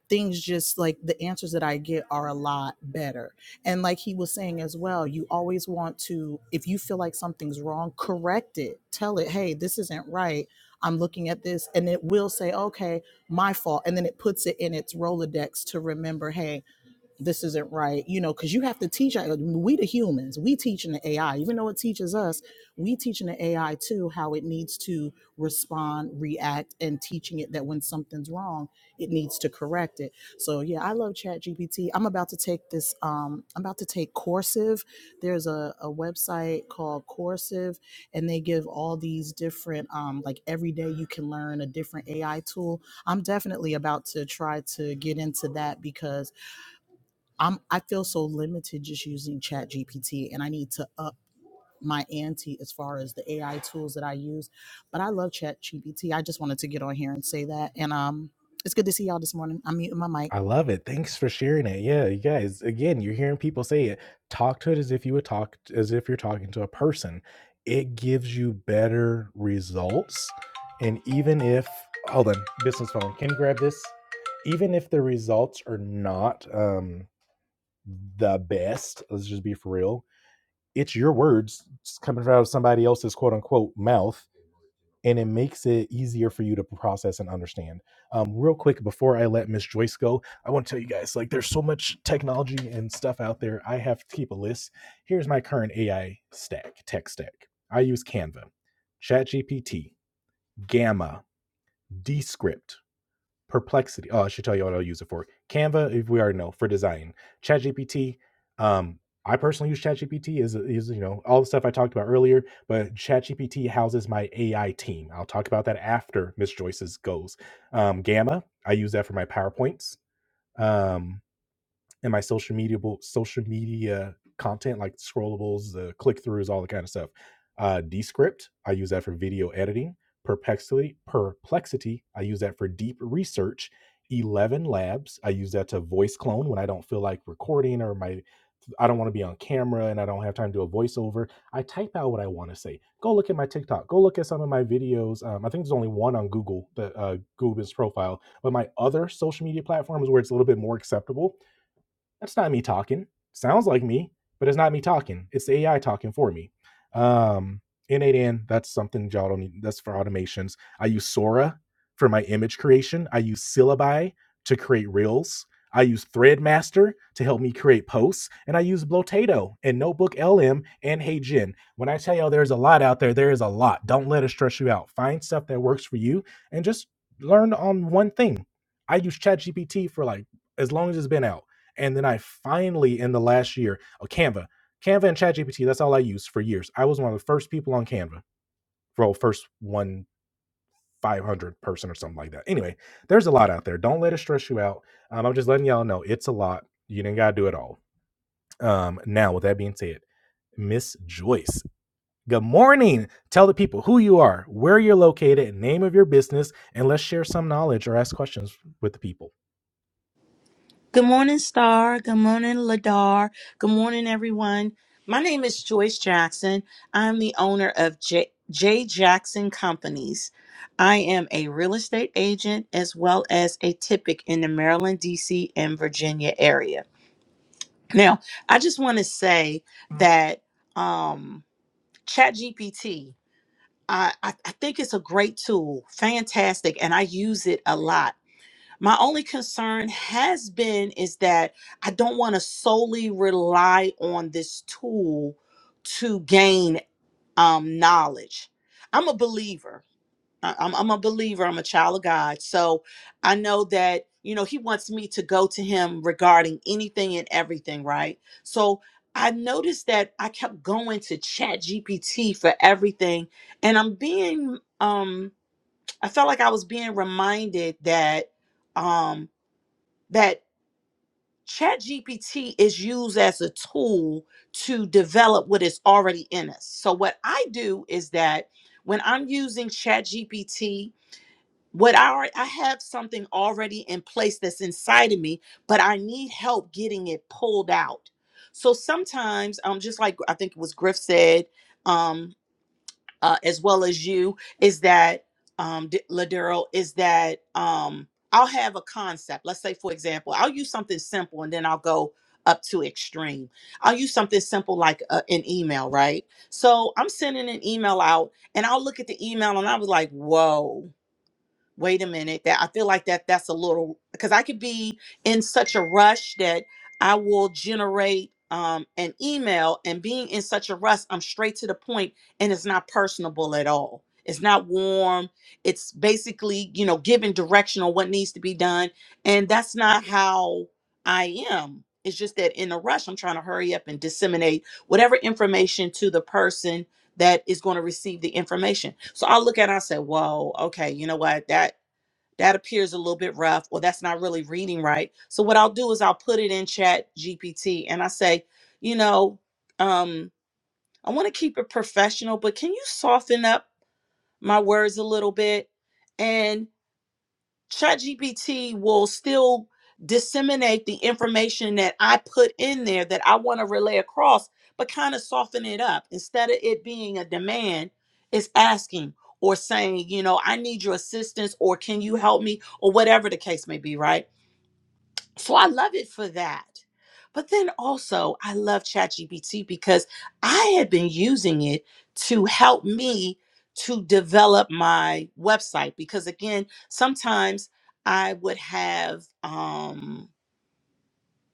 Speaker 4: things just like the answers that I get are a lot better. And like he was saying as well, you always want to, if you feel like something's wrong, correct it. Tell it, hey, this isn't right. I'm looking at this. And it will say, okay, my fault. And then it puts it in its Rolodex to remember, hey, this isn't right you know because you have to teach we the humans we teaching the ai even though it teaches us we teaching the ai too how it needs to respond react and teaching it that when something's wrong it needs to correct it so yeah i love ChatGPT. i'm about to take this um i'm about to take coursive there's a, a website called coursive and they give all these different um like every day you can learn a different ai tool i'm definitely about to try to get into that because I'm I feel so limited just using Chat GPT and I need to up my ante as far as the AI tools that I use. But I love Chat GPT. I just wanted to get on here and say that. And um it's good to see y'all this morning. I'm muting my mic.
Speaker 1: I love it. Thanks for sharing it. Yeah, you guys, again, you're hearing people say it. Talk to it as if you would talk, as if you're talking to a person. It gives you better results. And even if, hold on, business phone, can you grab this? Even if the results are not, um, the best. Let's just be for real. It's your words coming out of somebody else's quote unquote mouth, and it makes it easier for you to process and understand. Um, real quick, before I let Miss Joyce go, I want to tell you guys like there's so much technology and stuff out there. I have to keep a list. Here's my current AI stack, tech stack. I use Canva, ChatGPT, Gamma, Descript, Perplexity. Oh, I should tell you what I'll use it for. Canva, if we already know, for design. ChatGPT. Um, I personally use ChatGPT is is you know all the stuff I talked about earlier, but ChatGPT houses my AI team. I'll talk about that after Miss Joyce's goes. Um, Gamma, I use that for my PowerPoints. Um, and my social media social media content like scrollables the click throughs all the kind of stuff uh descript i use that for video editing perplexity perplexity i use that for deep research 11 labs i use that to voice clone when i don't feel like recording or my I don't want to be on camera and I don't have time to do a voiceover. I type out what I want to say. Go look at my TikTok. Go look at some of my videos. Um, I think there's only one on Google, the uh, Google's profile, but my other social media platforms where it's a little bit more acceptable that's not me talking. Sounds like me, but it's not me talking. It's the AI talking for me. Um, N8N, that's something y'all don't need. That's for automations. I use Sora for my image creation. I use Syllabi to create reels. I use Threadmaster to help me create posts. And I use Blotato and Notebook LM and HeyGen. When I tell y'all there's a lot out there, there is a lot. Don't let it stress you out. Find stuff that works for you and just learn on one thing. I use ChatGPT for like as long as it's been out. And then I finally, in the last year, oh, Canva, Canva and ChatGPT, that's all I used for years. I was one of the first people on Canva, well, first one 500 person or something like that. Anyway, there's a lot out there. Don't let it stress you out. Um, I'm just letting y'all know it's a lot. You didn't got to do it all. Um, now, with that being said, Miss Joyce. Good morning. Tell the people who you are, where you're located, name of your business, and let's share some knowledge or ask questions with the people.
Speaker 5: Good morning, Star. Good morning, Ladar. Good morning, everyone. My name is Joyce Jackson. I'm the owner of J. J. Jackson Companies. I am a real estate agent as well as a typic in the Maryland, D.C., and Virginia area. Now, I just want to say that um, ChatGPT, I, I I think it's a great tool, fantastic, and I use it a lot. My only concern has been is that I don't want to solely rely on this tool to gain um, knowledge. I'm a believer. I- I'm, I'm a believer. I'm a child of God. So I know that, you know, He wants me to go to Him regarding anything and everything, right? So I noticed that I kept going to Chat GPT for everything. And I'm being, um, I felt like I was being reminded that Um, that ChatGPT is used as a tool to develop what is already in us. So what I do is that when I'm using ChatGPT, what I alre- I have something already in place that's inside of me, but I need help getting it pulled out. So sometimes, um, just like I think it was Griff said, um, uh, as well as you is that um D- ladero is that um i'll have a concept let's say for example i'll use something simple and then i'll go up to extreme i'll use something simple like uh, an email right so i'm sending an email out and i'll look at the email and i was like whoa wait a minute that i feel like that that's a little because i could be in such a rush that i will generate um, an email and being in such a rush i'm straight to the point and it's not personable at all it's not warm it's basically you know giving direction on what needs to be done and that's not how i am it's just that in a rush i'm trying to hurry up and disseminate whatever information to the person that is going to receive the information. So I'll look at it and I say, whoa, okay, you know what? That that appears a little bit rough, or that's not really reading right. So what I'll do is I'll put it in chat GPT and I say, you know, um, I want to keep it professional, but can you soften up my words a little bit? And ChatGPT will still disseminate the information that I put in there that I want to relay across, but kind of soften it up. Instead of it being a demand, it's asking or saying, you know, I need your assistance or can you help me or whatever the case may be, right? So I love it for that. But then also, I love ChatGPT because I have been using it to help me to develop my website. Because again, sometimes I would have, um,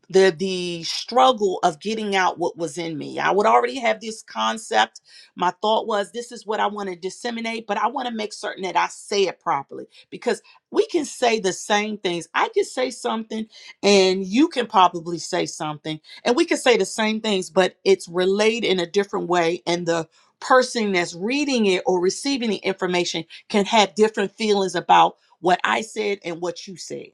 Speaker 5: the the struggle of getting out what was in me. I would already have this concept. My thought was this is what I want to disseminate, but I want to make certain that I say it properly because we can say the same things. I can say something and you can probably say something and we can say the same things, but it's relayed in a different way and the person that's reading it or receiving the information can have different feelings about what I said and what you said.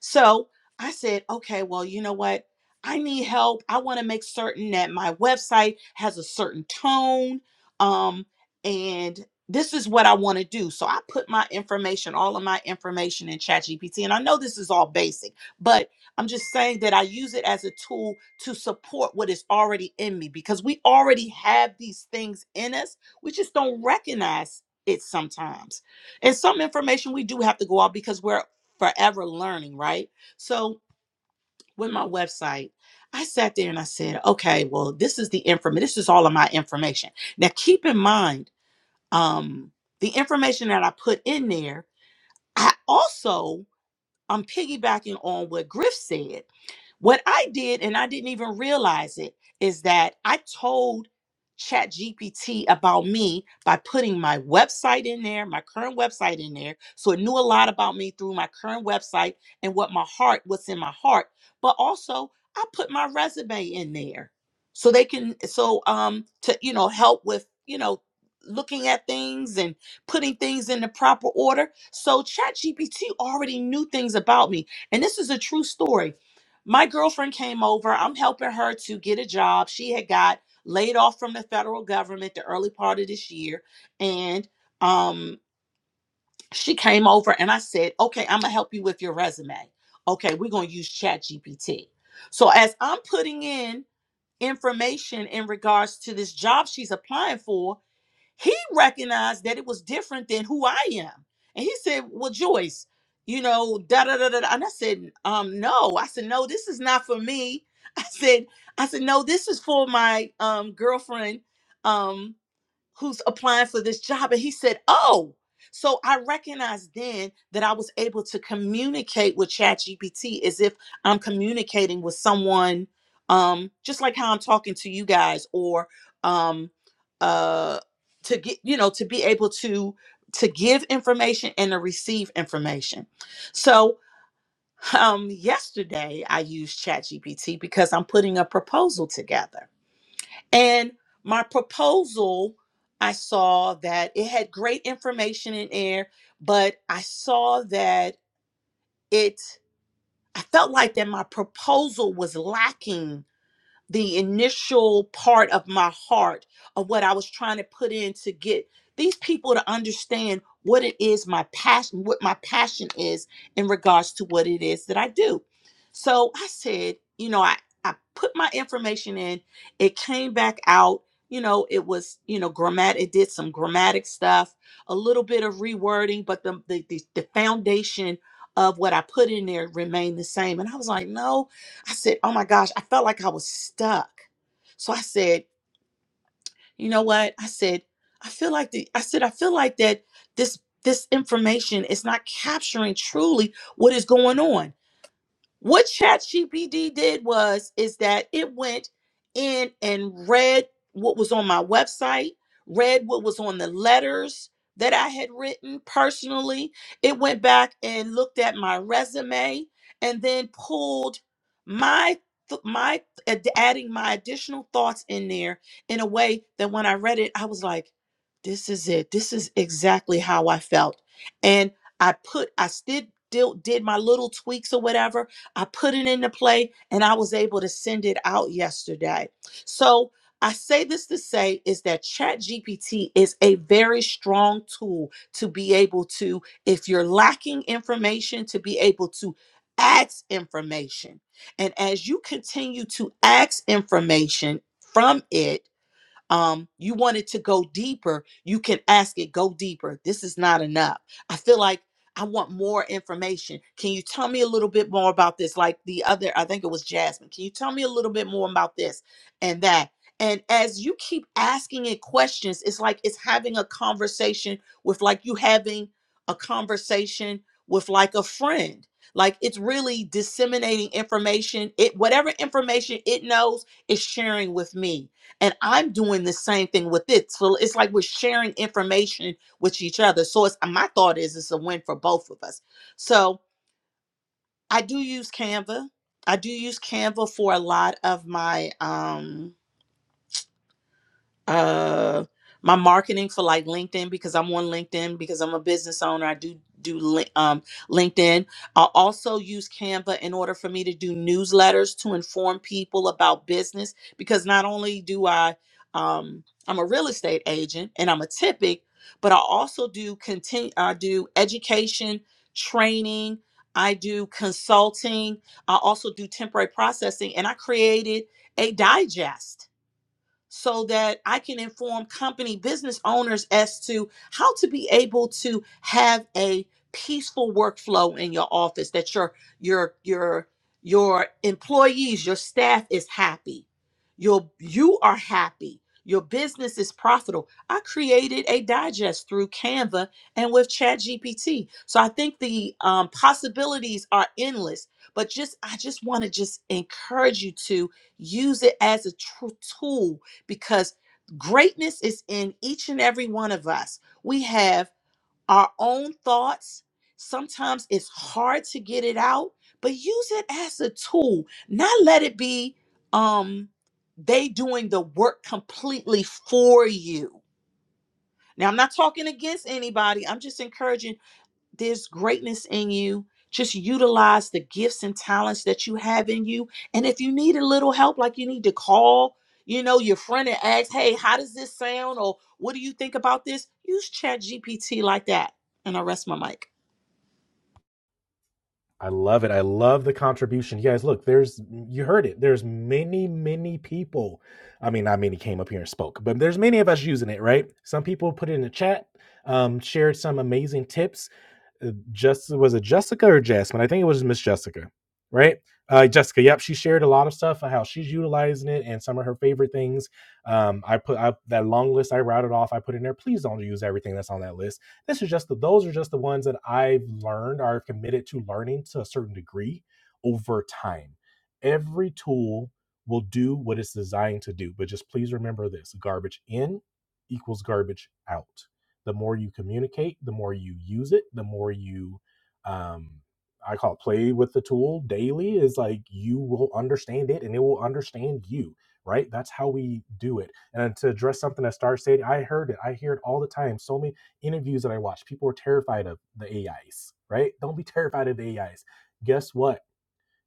Speaker 5: So I said, okay, well, you know what? I need help. I want to make certain that my website has a certain tone. Um, and this is what I want to do. So I put my information, all of my information in ChatGPT. And I know this is all basic, but I'm just saying that I use it as a tool to support what is already in me because we already have these things in us. We just don't recognize it sometimes. And some information we do have to go out because we're forever learning, right? So with my website, I sat there and I said, okay, well, this is the information. This is all of my information. Now, keep in mind, um, the information that I put in there, I also I'm piggybacking on what Griff said what I did, and I didn't even realize it, is that I told ChatGPT about me by putting my website in there, my current website in there. So it knew a lot about me through my current website and what my heart, what's in my heart. But also, I put my resume in there so they can, so um, to you know, help with you know looking at things and putting things in the proper order. So ChatGPT already knew things about me, and this is a true story. My girlfriend came over. I'm helping her to get a job. She had got laid off from the federal government the early part of this year. And um, she came over and I said, okay, I'm going to help you with your resume. Okay, we're going to use ChatGPT. So as I'm putting in information in regards to this job she's applying for, he recognized that it was different than who I am. And he said, Well, Joyce, you know, da da da da. da." And I said, um, no. I said, no, this is not for me. I said, I said, no, this is for my um girlfriend. um." who's applying for this job. And he said, Oh, so I recognized then that I was able to communicate with ChatGPT as if I'm communicating with someone, um, just like how I'm talking to you guys, or um, uh, to get, you know, to be able to to give information and to receive information. So um yesterday I used ChatGPT because I'm putting a proposal together. And my proposal, I saw that it had great information in there, but I saw that it, I felt like that my proposal was lacking the initial part of my heart of what I was trying to put in to get these people to understand what it is my passion, what my passion is in regards to what it is that I do. So I said, you know, I, I put my information in, it came back out. You know, it was, you know, grammatic. it did some grammatic stuff, a little bit of rewording, but the the, the, the foundation of what I put in there remained the same. And I was like, no, I said, Oh my gosh, I felt like I was stuck. So I said, You know what? I said, I feel like the I said, I feel like that this this information is not capturing truly what is going on. What ChatGPT did was is that it went in and read what was on my website, read what was on the letters that I had written personally. It went back and looked at my resume and then pulled my th- my ad- adding my additional thoughts in there in a way that when I read it, I was like, this is it. This is exactly how I felt. And I put I still did did my little tweaks or whatever I put it into play and I was able to send it out yesterday. So I say this to say is that ChatGPT is a very strong tool to be able to, if you're lacking information, to be able to ask information. And as you continue to ask information from it, um, you wanted to go deeper, you can ask it, go deeper. This is not enough. I feel like I want more information. Can you tell me a little bit more about this? Like the other, I think it was Jasmine. Can you tell me a little bit more about this and that? And as you keep asking it questions, it's like it's having a conversation with like you having a conversation with like a friend. Like it's really disseminating information. It whatever information it knows is sharing with me and I'm doing the same thing with it. So it's like we're sharing information with each other. So it's my thought is it's a win for both of us. So I do use Canva. I do use Canva for a lot of my um uh my marketing for like LinkedIn because I'm on LinkedIn because I'm a business owner. I do do lin- um, LinkedIn. I also use Canva in order for me to do newsletters to inform people about business because not only do I um, I'm a real estate agent and I'm a typic, but I also do continue I do education, training, I do consulting, I also do temporary processing and I created a digest so that I can inform company business owners as to how to be able to have a peaceful workflow in your office that your your your your employees, your staff is happy. Your you are happy. Your business is profitable. I created a digest through Canva and with ChatGPT. So I think the um, possibilities are endless. But just I just want to just encourage you to use it as a tr- tool because greatness is in each and every one of us. We have our own thoughts. Sometimes it's hard to get it out, but use it as a tool. Not let it be um they doing the work completely for you. Now I'm not talking against anybody. I'm just encouraging there's greatness in you. Just utilize the gifts and talents that you have in you. And if you need a little help, like you need to call, you know, your friend and ask, hey, how does this sound? Or what do you think about this? Use Chat GPT like that. And I rest my mic.
Speaker 1: I love it. I love the contribution. You guys, look, there's you heard it. There's many, many people. I mean, not many came up here and spoke, but there's many of us using it, right? Some people put it in the chat, um, shared some amazing tips uh, just was it Jessica or Jasmine? I think it was Miss Jessica, right? Uh, Jessica, yep, she shared a lot of stuff on how she's utilizing it and some of her favorite things. Um, I put I, that long list I routed off. I put in there. Please don't use everything that's on that list. This is just the, those are just the ones that I've learned or committed to learning to a certain degree over time. Every tool will do what it's designed to do, but just please remember this: garbage in equals garbage out the more you communicate, the more you use it, the more you, um, I call it play with the tool daily, is like you will understand it and it will understand you, right? That's how we do it. And to address something that Star said, I heard it. I hear it all the time. So many interviews that I watch, people are terrified of the AIs, right? Don't be terrified of the AIs. Guess what?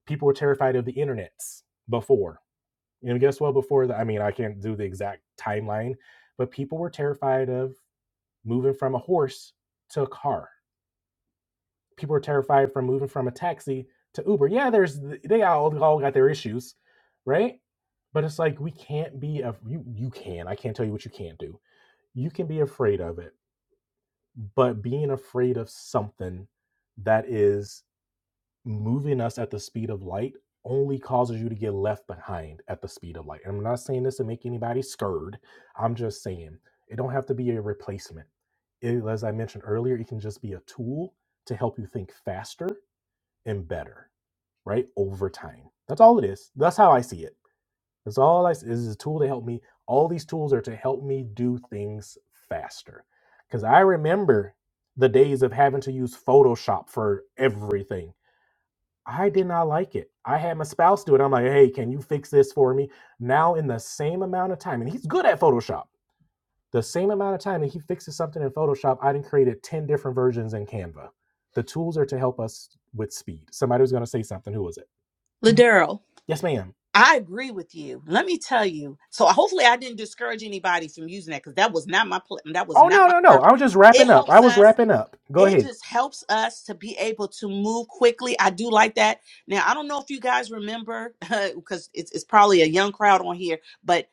Speaker 1: People were terrified of the internets before. You know, guess what? Before that, I mean, I can't do the exact timeline, but people were terrified of moving from a horse to a car. People are terrified from moving from a taxi to Uber. Yeah, there's they all, all got their issues, right? But it's like we can't be a you you can. I can't tell you what you can't do. You can be afraid of it, but being afraid of something that is moving us at the speed of light only causes you to get left behind at the speed of light. And I'm not saying this to make anybody scared. I'm just saying it don't have to be a replacement. It, as I mentioned earlier, it can just be a tool to help you think faster and better, right? Over time. That's all it is. That's how I see it. That's all I see This is a tool to help me. All these tools are to help me do things faster. Because I remember the days of having to use Photoshop for everything I did not like it. I had my spouse do it. I'm like, hey, can you fix this for me? Now, in the same amount of time, and he's good at Photoshop, the same amount of time that he fixes something in Photoshop, I done created 10 different versions in Canva. The tools are to help us with speed. Somebody was going to say something. Who was it?
Speaker 5: Ladero,
Speaker 1: Yes, ma'am.
Speaker 5: I agree with you. Let me tell you. So hopefully I didn't discourage anybody from using that because that was not my plan. That was
Speaker 1: Oh,
Speaker 5: not
Speaker 1: no,
Speaker 5: my
Speaker 1: no, no.
Speaker 5: purpose.
Speaker 1: I was just
Speaker 5: It
Speaker 1: wrapping up. I
Speaker 5: helps
Speaker 1: was
Speaker 5: us
Speaker 1: wrapping up. Go
Speaker 5: it
Speaker 1: ahead.
Speaker 5: just helps us to be able to move quickly. I do like that. Now, I don't know if you guys remember because it's, it's probably a young crowd on here, but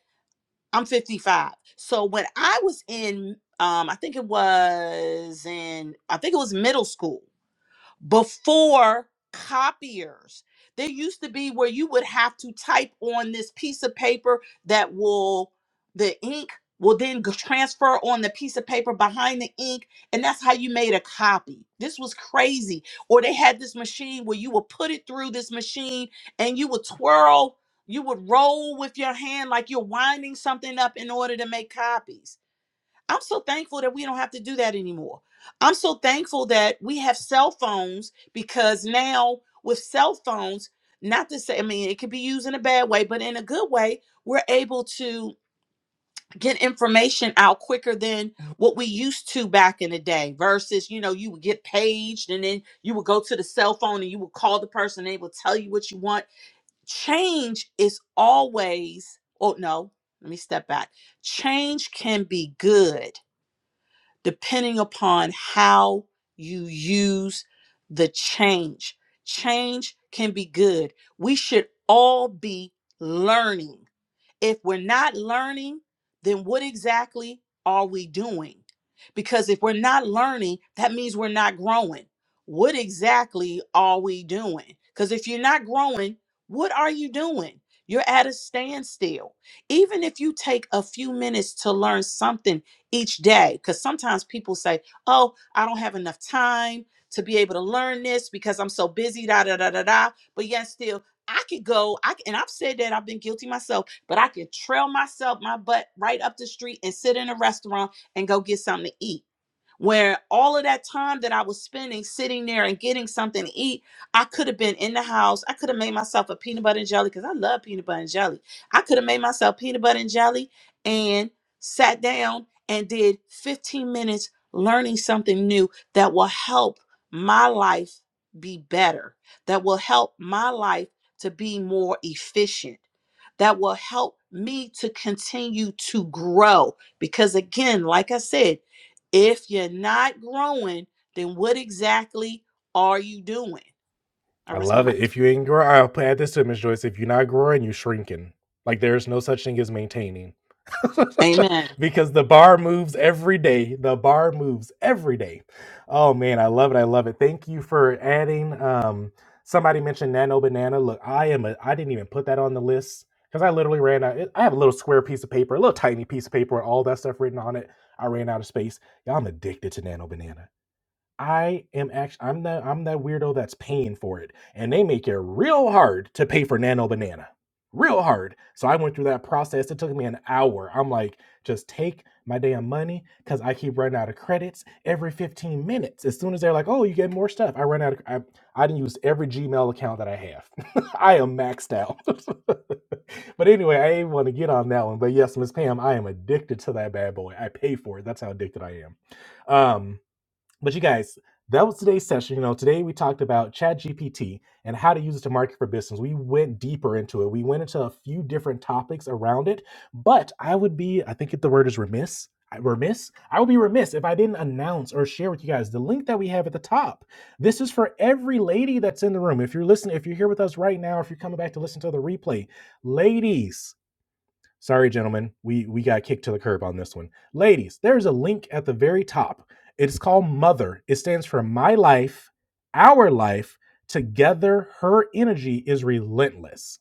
Speaker 5: I'm 55. So when I was in, um, I think it was in, I think it was middle school before copiers there used to be where you would have to type on this piece of paper that will the ink will then g- transfer on the piece of paper behind the ink and that's how you made a copy this was crazy or they had this machine where you would put it through this machine and you would twirl you would roll with your hand like you're winding something up in order to make copies I'm so thankful that we don't have to do that anymore. I'm so thankful that we have cell phones because now with cell phones, not to say, I mean, it could be used in a bad way, but in a good way, we're able to get information out quicker than what we used to back in the day versus, you know, you would get paged and then you would go to the cell phone and you would call the person and they would tell you what you want. Change is always, oh no, let me step back. Change can be good depending upon how you use the change. Change can be good. We should all be learning if we're not learning, then what exactly are we doing? Because if we're not learning, that means we're not growing. What exactly are we doing? Because if you're not growing, what are you doing? You're at a standstill. Even if you take a few minutes to learn something each day, because sometimes people say, Oh, I don't have enough time to be able to learn this because I'm so busy, da da da da da. But yet, still, I could go, I c- and I've said that I've been guilty myself but I could trail myself, my butt right up the street and sit in a restaurant and go get something to eat where all of that time that I was spending sitting there and getting something to eat, I could have been in the house. I could have made myself a peanut butter and jelly because I love peanut butter and jelly. I could have made myself peanut butter and jelly and sat down and did 15 minutes learning something new that will help my life be better, that will help my life to be more efficient, that will help me to continue to grow. Because again, like I said, if you're not growing, then what exactly are you doing? I
Speaker 1: I
Speaker 5: rest my
Speaker 1: love it.
Speaker 5: mic.
Speaker 1: If you ain't growing, I'll add this to Miss Joyce. If you're not growing, you're shrinking. Like there's no such thing as maintaining.
Speaker 5: Amen.
Speaker 1: because the bar moves every day. The bar moves every day. Oh man, I love it. I love it. Thank you for adding. Um, somebody mentioned Nano Banana. Look, I am a I didn't even put that on the list because I literally ran out. I have a little square piece of paper, a little tiny piece of paper with all that stuff written on it. I ran out of space. Y'all, I'm addicted to Nano Banana. I am actually I'm the I'm that weirdo that's paying for it, and they make it real hard to pay for Nano Banana, real hard. So I went through that process. It took me an hour. I'm like, just take my damn money because I keep running out of credits every 15 minutes. As soon as they're like, oh, you get more stuff, I run out. Of, I I didn't use every Gmail account that I have. I am maxed out. but anyway, I didn't want to get on that one. But yes, Miss Pam, I am addicted to that bad boy. I pay for it. That's how addicted I am. Um. But you guys, that was today's session. You know, today we talked about ChatGPT and how to use it to market for business. We went deeper into it. We went into a few different topics around it. But I would be, I think the word is remiss. I- Remiss. I would be remiss if I didn't announce or share with you guys the link that we have at the top. This is for every lady that's in the room. If you're listening, if you're here with us right now, if you're coming back to listen to the replay, ladies, Sorry, gentlemen, we we got kicked to the curb on this one. Ladies, there's a link at the very top. It's called Mother. It stands for My Life, Our Life. Together, her energy is relentless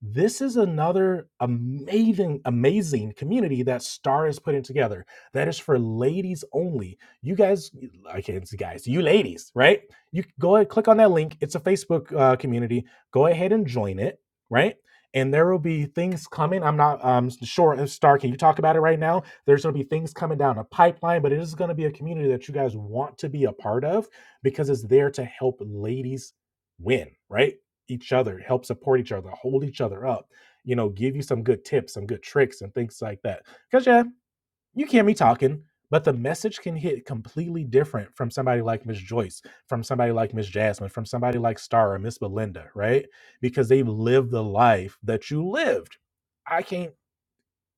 Speaker 1: this is another amazing amazing community that star is putting together that is for ladies only you guys i can't see guys you ladies right you go ahead click on that link it's a facebook uh, community go ahead and join it right and there will be things coming i'm not um sure star can you talk about it right now there's going to be things coming down a pipeline but it is going to be a community that you guys want to be a part of because it's there to help ladies win right each other, help support each other, hold each other up, you know, give you some good tips, some good tricks, and things like that. Because, yeah, you can be talking, but the message can hit completely different from somebody like Miss Joyce, from somebody like Miss Jasmine, from somebody like Star or Miss Belinda, right? Because they've lived the life that you lived. I can't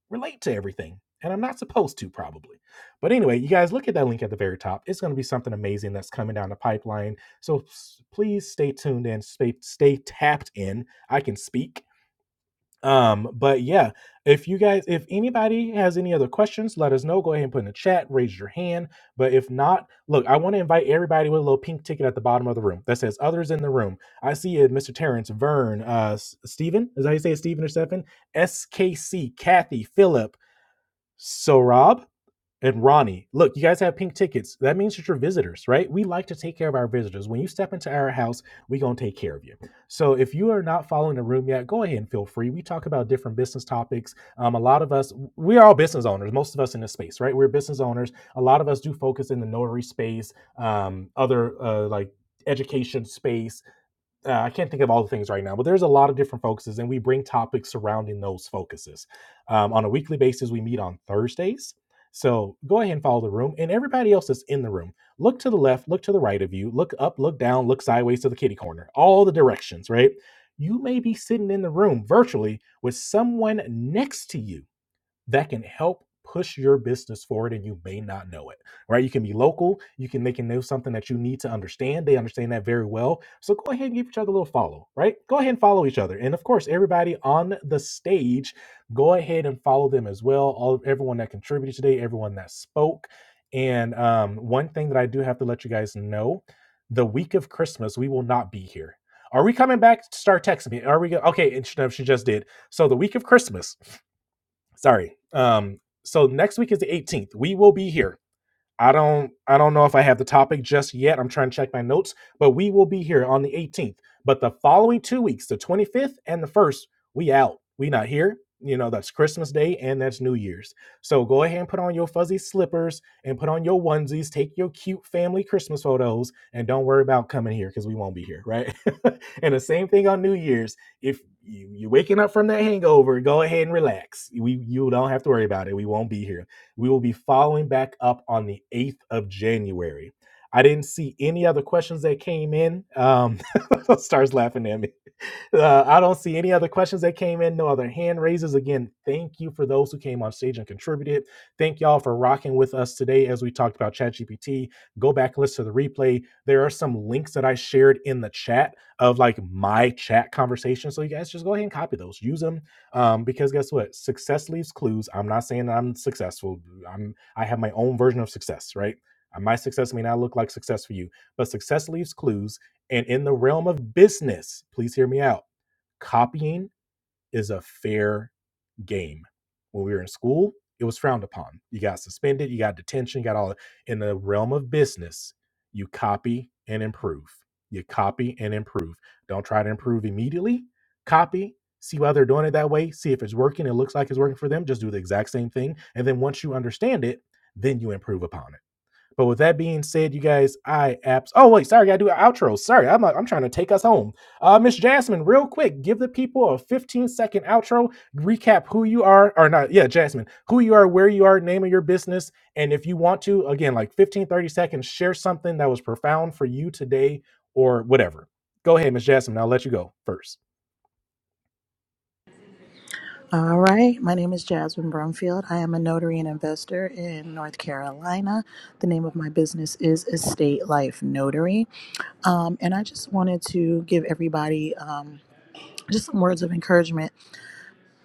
Speaker 1: relate to everything. And I'm not supposed to, probably. But anyway, you guys look at that link at the very top. It's going to be something amazing that's coming down the pipeline. So please stay tuned and stay, stay tapped in. I can speak. Um, but yeah, if you guys, if anybody has any other questions, let us know. Go ahead and put in the chat, raise your hand. But if not, look, I want to invite everybody with a little pink ticket at the bottom of the room that says others in the room. I see it, Mr. Terrence, Vern, uh, S- Steven, is that how you say it, Steven or Stefan? SKC, Kathy, Philip, so Rob and Ronnie, look, you guys have pink tickets. That means that you're visitors, right? We like to take care of our visitors. When you step into our house, we gonna take care of you. So if you are not following the room yet, go ahead and feel free. We talk about different business topics. Um, a lot of us, we're all business owners. Most of us in this space, right? We're business owners. A lot of us do focus in the notary space, um, other uh, like education space uh, I can't think of all the things right now, but there's a lot of different focuses, and we bring topics surrounding those focuses. Um, on a weekly basis, we meet on Thursdays. So go ahead and follow the room, and everybody else that's in the room. Look to the left, look to the right of you, look up, look down, look sideways to the kitty corner, all the directions, right? You may be sitting in the room virtually with someone next to you that can help push your business forward and you may not know it right you can be local you can they can know something that you need to understand they understand that very well so go ahead and give each other a little follow right go ahead and follow each other and of course everybody on the stage go ahead and follow them as well all everyone that contributed today everyone that spoke and um, one thing that i do have to let you guys know the week of christmas we will not be here are we coming back start texting me are we go- okay and she, no, she just did so the week of christmas Sorry. Um, so next week is the 18th. We will be here. I don't I don't know if I have the topic just yet. I'm trying to check my notes, but we will be here on the 18th. But the following two weeks, the 25th and the 1st, we out. We not here. You know, that's Christmas Day and that's New Year's. So go ahead and put on your fuzzy slippers and put on your onesies, take your cute family Christmas photos, and don't worry about coming here because we won't be here, right? and the same thing on New Year's. If you, you're waking up from that hangover, go ahead and relax. We you don't have to worry about it. We won't be here we will be following back up on the 8th of January. I didn't see any other questions that came in. Um, stars laughing at me. Uh, I don't see any other questions that came in, no other hand raises. Again, thank you for those who came on stage and contributed. Thank y'all for rocking with us today as we talked about ChatGPT. Go back and listen to the replay. There are some links that I shared in the chat of like my chat conversation. So you guys just go ahead and copy those, use them. Um, because guess what? Success leaves clues. I'm not saying that I'm successful. I'm I have my own version of success, right? Uh, My success may not look like success for you, but success leaves clues. And in the realm of business, please hear me out copying is a fair game. When we were in school, it was frowned upon. You got suspended, you got detention, you got all in the realm of business, you copy and improve. You copy and improve. Don't try to improve immediately. Copy, see why they're doing it that way, see if it's working, it looks like it's working for them, just do the exact same thing. And then once you understand it, then you improve upon it but with that being said, you guys, I apps. Oh wait, sorry, I gotta do an outro. Sorry, I'm I'm trying to take us home. Uh, Miss Jasmine, real quick, give the people a 15 second outro. Recap who you are, or not? Yeah, Jasmine, who you are, where you are, name of your business, and if you want to, again, like 15 30 seconds, share something that was profound for you today or whatever. Go ahead, Miss Jasmine. I'll let you go first.
Speaker 4: All right. My name is Jasmine Brumfield. I am a notary and investor in North Carolina. The name of my business is Estate Life Notary. Um, and I just wanted to give everybody um, just some words of encouragement.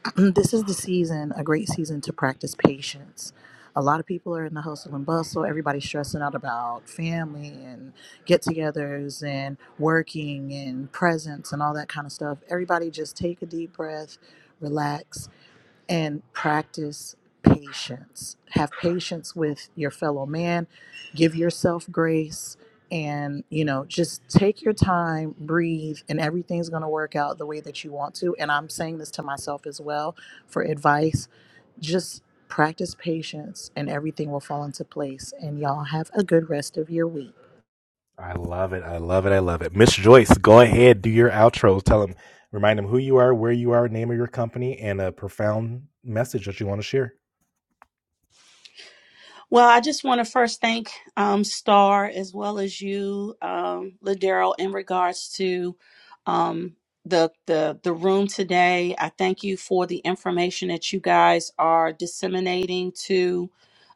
Speaker 4: this is the season, a great season to practice patience. A lot of people are in the hustle and bustle. Everybody's stressing out about family and get togethers and working and presents and all that kind of stuff. Everybody just take a deep breath, relax, and practice patience. Have patience with your fellow man, give yourself grace and you know just take your time breathe and everything's going to work out the way that you want to and i'm saying this to myself as well for advice just practice patience and everything will fall into place and y'all have a good rest of your week
Speaker 1: I love it. I love it. I love it. Miss Joyce, go ahead, do your outros. Tell them, remind them who you are, where you are, name of your company, and a profound message that you want to share.
Speaker 5: Well, I just want to first thank um, Star as well as you, um, Ladero, in regards to um, the the the room today. I thank you for the information that you guys are disseminating to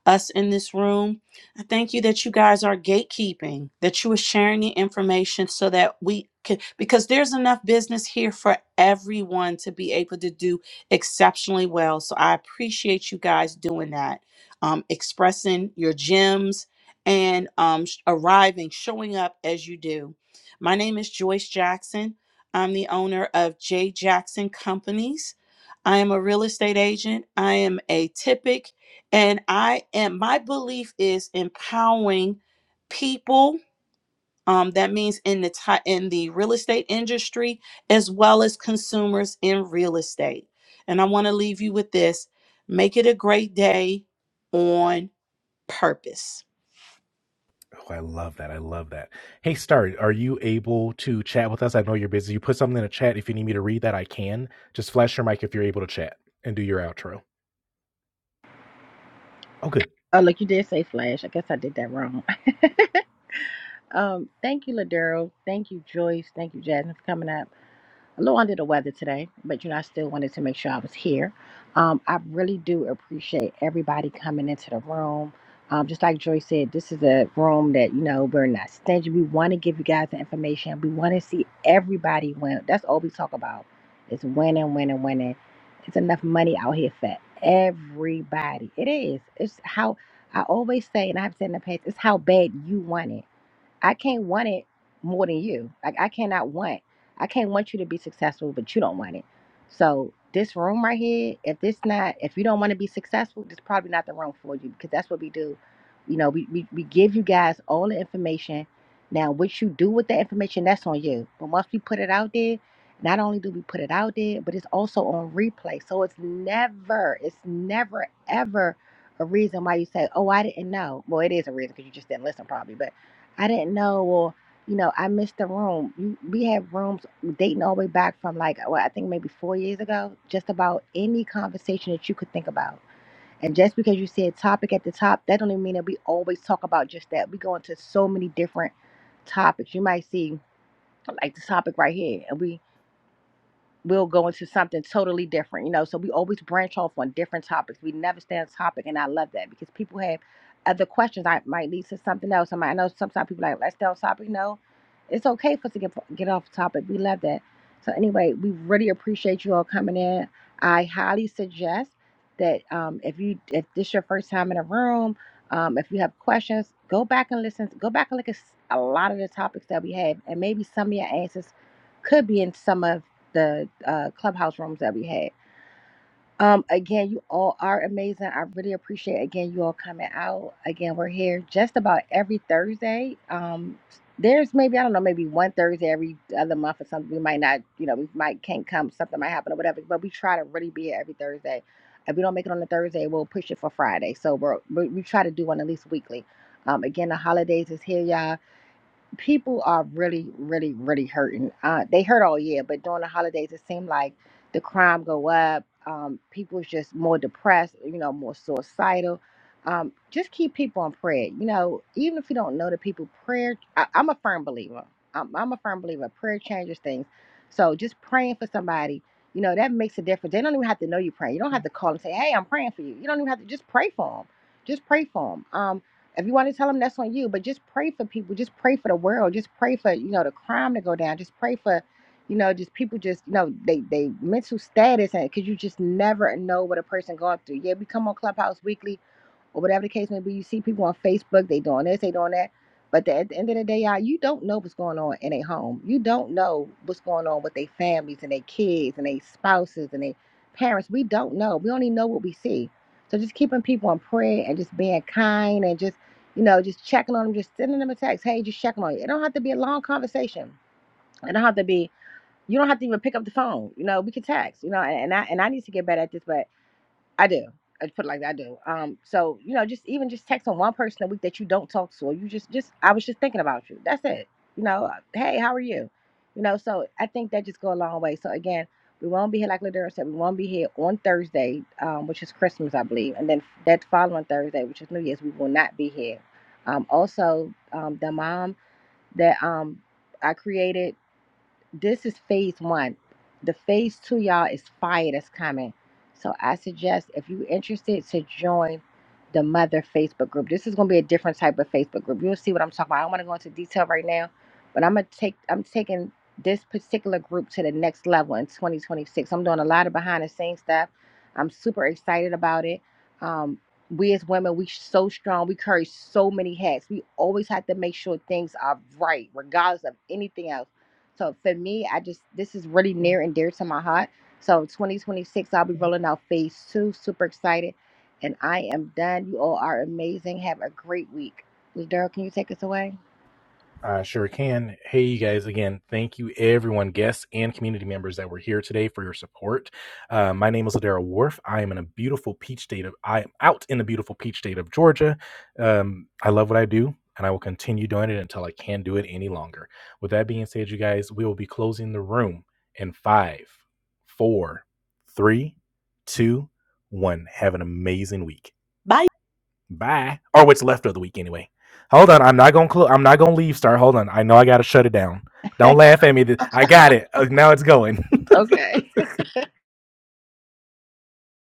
Speaker 5: us in this room. I thank you that you guys are gatekeeping, that you are sharing the information so that we can, because there's enough business here for everyone to be able to do exceptionally well. So I appreciate you guys doing that um, expressing your gems and um, sh- arriving, showing up as you do. My name is Joyce Jackson. I'm the owner of J. Jackson Companies. I am a real estate agent. I am a typic, and I am. My belief is empowering people. Um, that means in the ti- in the real estate industry as well as consumers in real estate. And I want to leave you with this: make it a great day on purpose.
Speaker 1: Oh, I love that. I love that. Hey, Star, are you able to chat with us? I know you're busy. You put something in the chat. If you need me to read that, I can. Just flash your mic if you're able to chat and do your outro. Oh, good.
Speaker 2: oh look you did say flash i guess i did that wrong Um, thank you, Ladero. Thank you, Joyce. Thank you, Jasmine, for coming up. A little under the weather today, but you know, I still wanted to make sure I was here. Um, I really do appreciate everybody coming into the room. Um, just like Joyce said, this is a room that, you know, we're not stingy. We want to give you guys the information. We want to see everybody win. That's all we talk about. It's winning, winning, winning. It's enough money out here for everybody. It is. It's how I always say, and I've said in the past, it's how bad you want it I can't want it more than you. Like I cannot want. I can't want you to be successful, but you don't want it. So this room right here, if this not, if you don't want to be successful, it's probably not the room for you because that's what we do. You know, we, we, we give you guys all the information. Now, what you do with the information, that's on you. But once we put it out there, not only do we put it out there, but it's also on replay. So it's never, it's never, ever a reason why you say, oh, I didn't know. Well, it is a reason because you just didn't listen probably. But I didn't know, or you know, I missed the room. You, we had rooms dating all the way back from like, well, I think maybe four years ago, just about any conversation that you could think about. And just because you said topic at the top, that don't even mean that we always talk about just that. We go into so many different topics. You might see like the topic right here, and we we'll go into something totally different, you know. So we always branch off on different topics. We never stay on topic, and I love that because people have other questions. I might lead to something else. I might I know sometimes people like let's stay on topic. No, it's okay for us to get get off topic. We love that. So anyway, we really appreciate you all coming in. I highly suggest that um, if you if this your first time in a room, um, if you have questions, go back and listen. Go back and look at s- a lot of the topics that we have, and maybe some of your answers could be in some of the uh, clubhouse rooms that we had. Um, again, you all are amazing. I really appreciate again you all coming out. Again, we're here just about every Thursday. Um, there's maybe I don't know maybe one Thursday every other month or something. We might not, you know, we might can't come. Something might happen or whatever. But we try to really be here every Thursday. If we don't make it on a Thursday, we'll push it for Friday. So we're, we we try to do one at least weekly. Um, again, the holidays is here, y'all people are really, really, really hurting. Uh, they hurt all year, but during the holidays, it seemed like the crime go up. Um, people's just more depressed, you know, more suicidal. Um, just keep people in prayer. You know, even if you don't know the people, prayer. I, I'm a firm believer. I'm, I'm a firm believer. Prayer changes things. So just praying for somebody, you know, that makes a difference. They don't even have to know you're praying. You don't have to call and say, "Hey, I'm praying for you." You don't even have to just pray for them. Just pray for them. Um, if you want to tell them, that's on you. But just pray for people. Just pray for the world. Just pray for you know the crime to go down. Just pray for, you know, just people just you know they they mental status and because you just never know what a person going through. Yeah, we come on Clubhouse weekly or whatever the case may be. You see people on Facebook, they doing this, they doing that. But the, at the end of the day, y'all, you don't know what's going on in a home. You don't know what's going on with their families and their kids and their spouses and their parents. We don't know. We only know what we see. So just keeping people in prayer and just being kind and just, you know, just checking on them, just sending them a text. Hey, just checking on you. It don't have to be a long conversation. It don't have to be. You don't have to even pick up the phone. You know, we can text. You know, and, and I and I need to get better at this, but I do. I put it like that. I do. Um, so you know, just even just texting one person a week that you don't talk to, or you just just I was just thinking about you. That's it. You know, uh, hey, how are you? You know, so I think that just go a long way. So again, we won't be here like Ladera said. We won't be here on Thursday, um, which is Christmas, I believe, and then that following Thursday, which is New Year's, we will not be here. Um, also, um, the mom that um I created this is phase one. The phase two, y'all, is fire that's coming. So I suggest if you're interested to join the mother Facebook group. This is gonna be a different type of Facebook group. You'll see what I'm talking about. I don't want to go into detail right now, but I'm gonna take I'm taking this particular group to the next level in 2026. I'm doing a lot of behind the scenes stuff. I'm super excited about it. Um, we as women, we so strong. We carry so many hats. We always have to make sure things are right, regardless of anything else so for me, I just this is really near and dear to my heart. So 2026, I'll be rolling out phase two. Super excited, and I am done. You all are amazing. Have a great week. Daryl, can you take us away?
Speaker 1: I sure can. Hey, you guys, again, thank you, everyone, guests and community members that were here today for your support. Uh, my name is Ladera Wharf. I am in a beautiful peach state of, I am out in the beautiful peach state of Georgia. Um, I love what I do, and I will continue doing it until I can't do it any longer. With that being said, you guys, we will be closing the room in five, four, three, two, one. Have an amazing week.
Speaker 5: Bye.
Speaker 1: Bye. Or what's left of the week anyway. Hold on, I'm not gonna cl- I'm not gonna leave, Star. Hold on, I know I gotta shut it down. Don't laugh at me. I got it. Uh, now it's going.
Speaker 2: Okay.